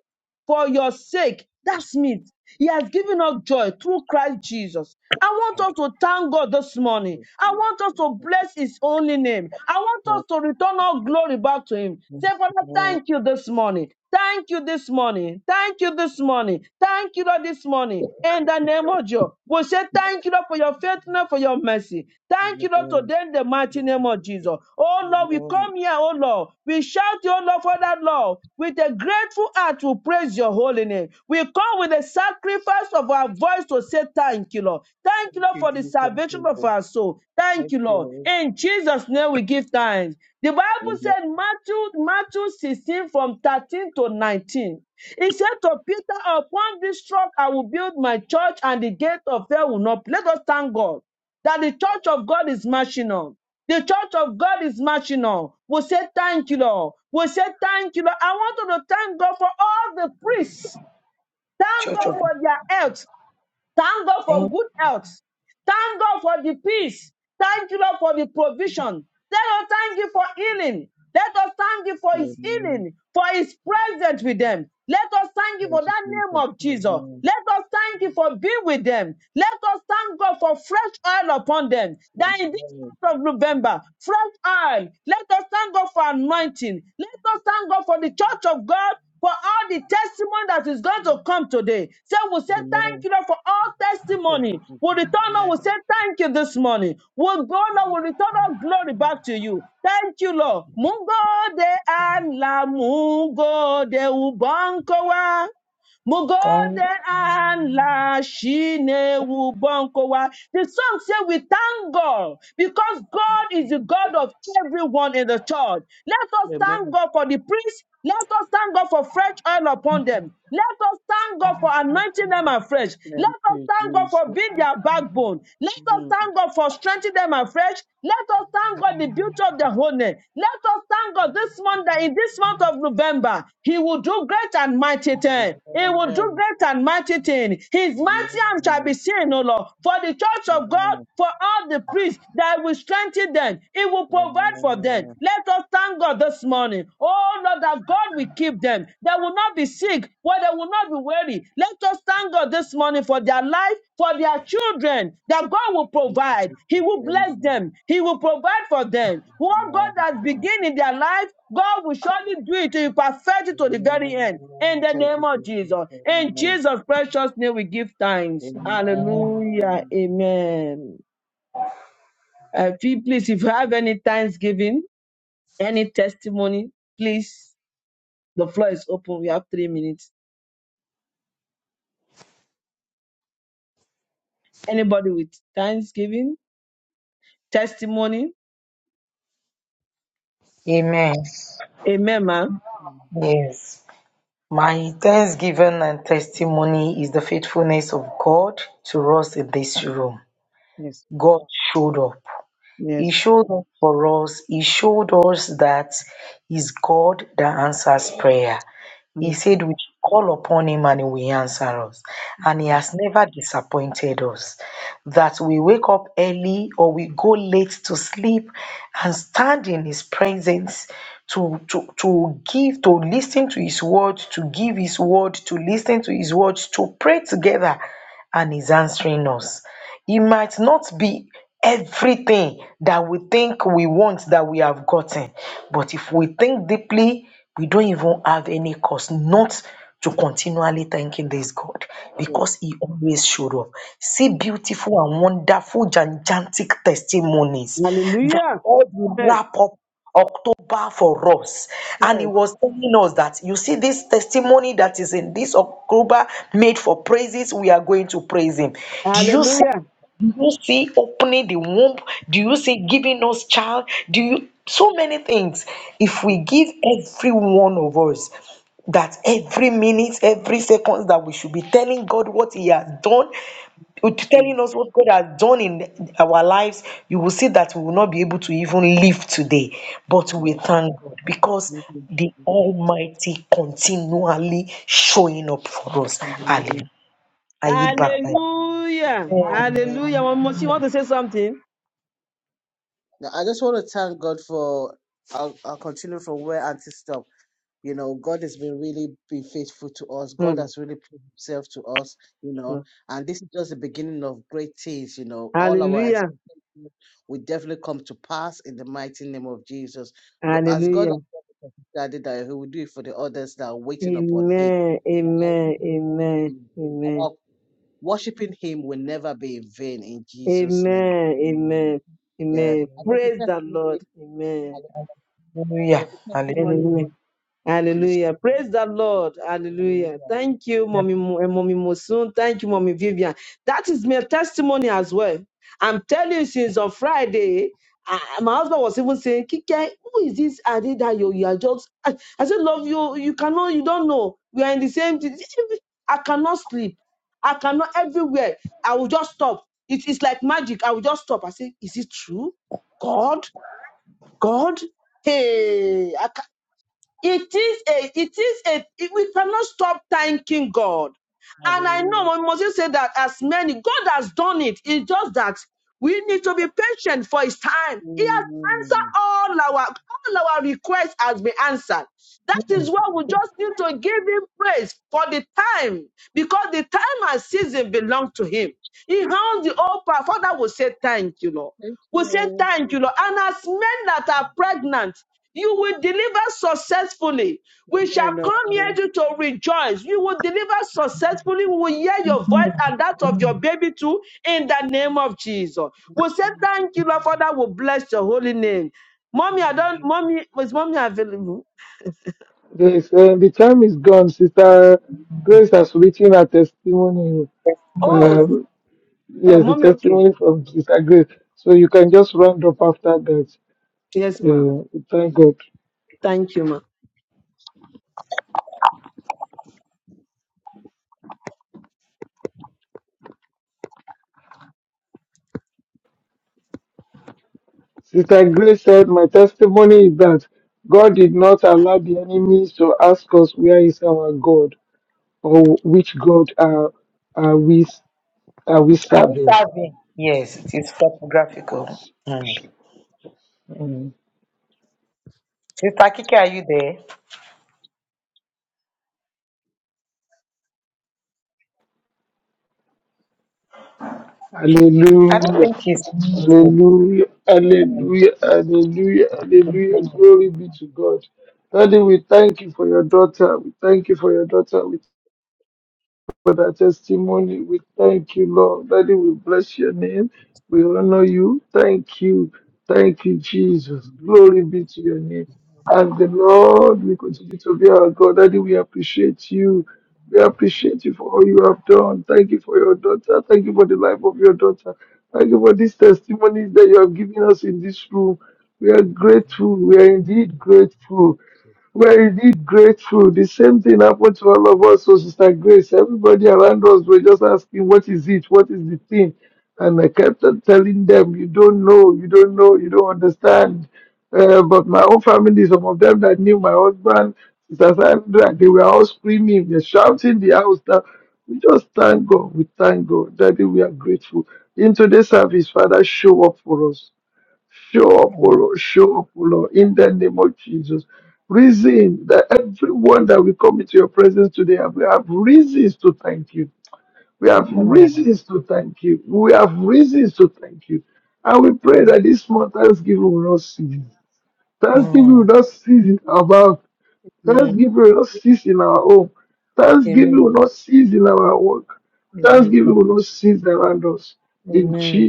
Speaker 2: for your sake. That's me. He has given us joy through Christ Jesus. I want us to thank God this
Speaker 1: Thank
Speaker 2: morning.
Speaker 1: you,
Speaker 2: I want us to bless His only name. I want us to return all glory back to Him. Say, Father,
Speaker 1: Lord.
Speaker 2: thank you this morning. Thank you this morning. Thank you this morning. Thank you, Lord, this morning. In the name of Jesus, we say thank you, Lord, for your faithfulness, for your mercy. Thank you, Lord, today in the mighty name of Jesus. Oh,
Speaker 1: Amen.
Speaker 2: Lord, we
Speaker 1: Amen.
Speaker 2: come here, oh, Lord. We we shout your love for that love. With a grateful heart, we praise your holy name. We come with a sacrifice of our voice to say thank you, Lord. Thank you,
Speaker 1: Thank
Speaker 2: Lord,
Speaker 1: you,
Speaker 2: for the
Speaker 1: Jesus. Amen.
Speaker 2: salvation of our soul. Thank
Speaker 1: Thank
Speaker 2: you, Lord.
Speaker 1: you.
Speaker 2: In Jesus' name, we give thanks. The Bible
Speaker 1: Amen.
Speaker 2: said, Matthew, Matthew 16 from 13 to 19. He said to Peter, Upon this rock I will build my church, and the gate of hell will not. Let us thank God that the church of God is marching on. The church of God is marching on. We say thank you, Lord. We say thank you, Lord. I want you to thank God for all the priests. Thank
Speaker 3: Church
Speaker 2: God
Speaker 3: of
Speaker 2: for
Speaker 3: God.
Speaker 2: their health. Thank God for
Speaker 3: thank,
Speaker 2: good health. Thank God for the peace. Thank you, Lord, for the provision. Let us thank you for healing. Let us thank you for his
Speaker 1: Amen.
Speaker 2: healing, for his presence with them. Let us thank you
Speaker 1: Thank
Speaker 2: for
Speaker 1: you,
Speaker 2: that name
Speaker 1: Jesus.
Speaker 2: of Jesus.
Speaker 1: Amen.
Speaker 2: Let us thank you for being with them. Let us thank God for fresh oil upon them. That in this
Speaker 1: Amen.
Speaker 2: of November, fresh oil. Let us thank God for anointing. Let us thank God for the church of God. For all the testimony that is going to come today. So we say thank
Speaker 1: Amen.
Speaker 2: you Lord, for all
Speaker 1: Thank you,
Speaker 2: testimony. We
Speaker 1: Jesus.
Speaker 2: return
Speaker 1: Amen.
Speaker 2: Lord, we say thank you this morning. We go Lord, we return all glory back to you. Thank you, Lord. Mungo de an la Mungo de ubankowa. Mo
Speaker 3: thank.
Speaker 2: and la shine wu The song says we thank God because God is the God of everyone in the church. Let us thank
Speaker 1: Amen.
Speaker 2: God for the priests. Let us thank God for fresh oil upon them. Let us thank God for anointing them afresh.
Speaker 1: Thank
Speaker 2: Let us
Speaker 1: you,
Speaker 2: thank God for
Speaker 1: Jesus.
Speaker 2: being their backbone. Let us
Speaker 1: Mm.
Speaker 2: thank God for strengthening them afresh refreshed. Let us thank God the beauty of the whole name. Let us thank God this month that in this month of November, He will do great and mighty things. He will do
Speaker 1: Amen.
Speaker 2: great and mighty things. His mighty
Speaker 1: Amen.
Speaker 2: arm shall be seen, O Lord, for the church of God,
Speaker 1: Amen.
Speaker 2: for all the priests that will strengthen them. He will provide
Speaker 1: Amen.
Speaker 2: for them. Let us thank God this morning. Oh Lord, that God will keep them. They will not be sick, where they will not be weary. Let us thank God this morning for their life, for their children, that God will
Speaker 1: Thank you,
Speaker 2: provide. He
Speaker 1: Jesus.
Speaker 2: will bless
Speaker 1: Amen.
Speaker 2: them, He will provide for them. What
Speaker 1: Amen.
Speaker 2: God has begun in their life, God will surely do it to perfect it to the
Speaker 1: Amen.
Speaker 2: very end. In the
Speaker 1: Thank
Speaker 2: name
Speaker 1: you,
Speaker 2: of
Speaker 1: Jesus.
Speaker 2: Jesus. In
Speaker 1: Amen.
Speaker 2: Jesus' precious name, we give thanks. Hallelujah.
Speaker 1: Amen.
Speaker 2: Amen. Uh, feel- please, if you have any thanksgiving, any testimony, please, the floor is open. We have three minutes. Anybody with thanksgiving, testimony?
Speaker 3: Amen.
Speaker 2: Amen, ma.
Speaker 1: Mm.
Speaker 3: Yes. My thanksgiving and testimony is the faithfulness of God to us in this room.
Speaker 2: Yes.
Speaker 3: God showed up. He
Speaker 2: Yes.
Speaker 3: showed up for us. He showed us that He's God that answers prayer. He
Speaker 2: Thank
Speaker 3: said,
Speaker 2: you,
Speaker 3: We should call upon him and he will answer us. And he has never disappointed us. That we wake up early or we go late to sleep and stand in his presence to to to give to listen to his word to give his word to listen to his words to pray together and he's answering us it might not be everything that we think we want that we have gotten but if we think deeply we don't even have any cause not to continually thanking this God
Speaker 2: Jesus.
Speaker 3: because He always showed up. See beautiful and wonderful, gigantic testimonies that
Speaker 2: Hallelujah.
Speaker 3: God will
Speaker 2: Yes.
Speaker 3: wrap up bar for us. And he
Speaker 2: Yes.
Speaker 3: was telling us that you see this testimony that is in this October made for praises, we are going to praise him. Do you see?
Speaker 2: Hallelujah.
Speaker 3: Do you see opening the womb? Do you see giving us child? Do you so many things? If
Speaker 2: Yes.
Speaker 3: we give every one of us that every minute, every second that we should be telling God what He has done, with telling us what God has done in our lives, you will see that we will not be able to even live today. But
Speaker 2: Thank
Speaker 3: we
Speaker 1: Yes.
Speaker 3: thank God because
Speaker 2: you,
Speaker 3: the Almighty continually showing up for us.
Speaker 2: Jesus.
Speaker 3: Hallelujah. I yield back my
Speaker 1: Hallelujah.
Speaker 2: Hallelujah. Hallelujah. Mama, Mosi, you
Speaker 1: Amen.
Speaker 2: want to say something?
Speaker 1: Now, I just want to thank God for. I'll, I'll continue from where Auntie stopped. You know, God has been really been faithful to us. God
Speaker 2: Mm,
Speaker 1: has really proved Himself to us. You know,
Speaker 2: mm.
Speaker 1: and this is just the beginning of great things. You know, all our
Speaker 2: Hallelujah.
Speaker 1: expectations will definitely come to pass in the mighty name of Jesus. Go- As God has
Speaker 2: Hallelujah.
Speaker 1: done it for his Daddy, that He will do it for the others that are waiting upon Him.
Speaker 2: Amen.
Speaker 1: You know,
Speaker 2: Amen. Amen. Amen.
Speaker 1: our worship will never be in vain. Our worshiping Him will never be in vain in Jesus'
Speaker 2: Amen.
Speaker 1: name. Amen.
Speaker 2: Amen.
Speaker 1: Yeah.
Speaker 2: Amen.
Speaker 1: And there's
Speaker 2: Praise
Speaker 1: a
Speaker 2: the
Speaker 1: testimony.
Speaker 2: Lord. Amen.
Speaker 1: Hallelujah.
Speaker 3: Hallelujah.
Speaker 1: The testimony
Speaker 2: Hallelujah.
Speaker 3: Hallelujah.
Speaker 1: on, the
Speaker 2: Hallelujah.
Speaker 1: sheepdog.
Speaker 2: Praise the Lord. Hallelujah.
Speaker 1: Hallelujah.
Speaker 2: Thank you, Mommy, Mo- eh, Mommy Mosun. Thank you, Mommy Vivian. That is my testimony as well. I'm telling you, since on Friday, I- my husband was even saying, Kike, who is this Ade that you, you are just? I, I said, Love you. You cannot, you don't know. We are in the same. thing." I cannot sleep. I cannot everywhere. I will just stop. It is like magic. I will just stop. I say, Is it true? God? God? Hey, it is a, it is a, it- we cannot stop thanking God. And I
Speaker 1: Hallelujah.
Speaker 2: know I must just say that as many, God has done it. It's just that we need to be patient for his time. He has answered
Speaker 1: Mm.
Speaker 2: all our, all our requests has been answered. That is
Speaker 1: Thank
Speaker 2: why
Speaker 1: you.
Speaker 2: we just need to give him praise for the time, because the time and season belong to him. He owns the whole power. Father will say, thank you, Lord.
Speaker 1: Thank
Speaker 2: We say
Speaker 1: you.
Speaker 2: thank you, Lord. And as men that are pregnant, you will deliver successfully. We shall come
Speaker 1: Hello.
Speaker 2: here to, to rejoice. You will deliver successfully. We will hear your voice and that of your baby too in the name of Jesus. We will say
Speaker 1: Thank
Speaker 2: thank you, Lord Father. We will bless your holy name. Mommy, I don't,
Speaker 1: you.
Speaker 2: mommy, is mommy available?
Speaker 4: Yes, uh, the time is gone. Sister Grace has written her testimony.
Speaker 2: Oh,
Speaker 3: Testimony.
Speaker 4: Um,
Speaker 2: uh,
Speaker 4: yes, the
Speaker 2: mommy, okay.
Speaker 4: testimony from Sister Grace. So you can just round up after that.
Speaker 2: Yes, ma.
Speaker 4: Uh, thank God.
Speaker 2: Thank you, ma.
Speaker 4: Sister Grace said, My testimony is that God did not allow the enemies to ask us where is our God or which God are, are, we, are we
Speaker 3: Are we
Speaker 4: serving.
Speaker 3: serving? Yes, it is photographical. Mm.
Speaker 4: Mm.
Speaker 3: Sister Kike, are you there? She, I don't think she's muted. Mm. Mm. Mm.
Speaker 2: Amen. Amen. Amen.
Speaker 3: Mm.
Speaker 2: Amen.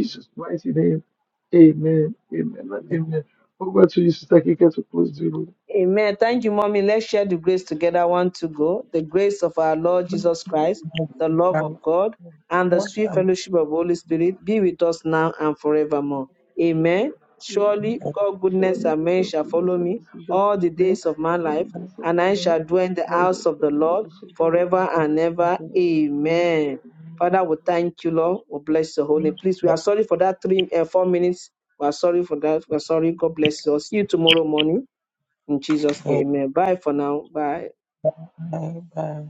Speaker 2: Amen. Thank you, Mommy. Let's share the grace together. One to go. The grace of our Lord Jesus Christ, the love of
Speaker 3: Bye
Speaker 2: God, and the sweet
Speaker 3: bye.
Speaker 2: fellowship of Holy Spirit be with us now and forevermore. Amen. Surely God, goodness and mercy shall follow me all the days of my life, and I shall dwell in the house of the Lord forever and ever. Amen. Father, we thank you, Lord. We bless your holy. name. Please, we are sorry for that three, uh, four minutes. We are sorry for that. We are sorry. God bless you. all. See you tomorrow morning. In Jesus' name, amen. Bye for now. Bye.
Speaker 3: Bye bye.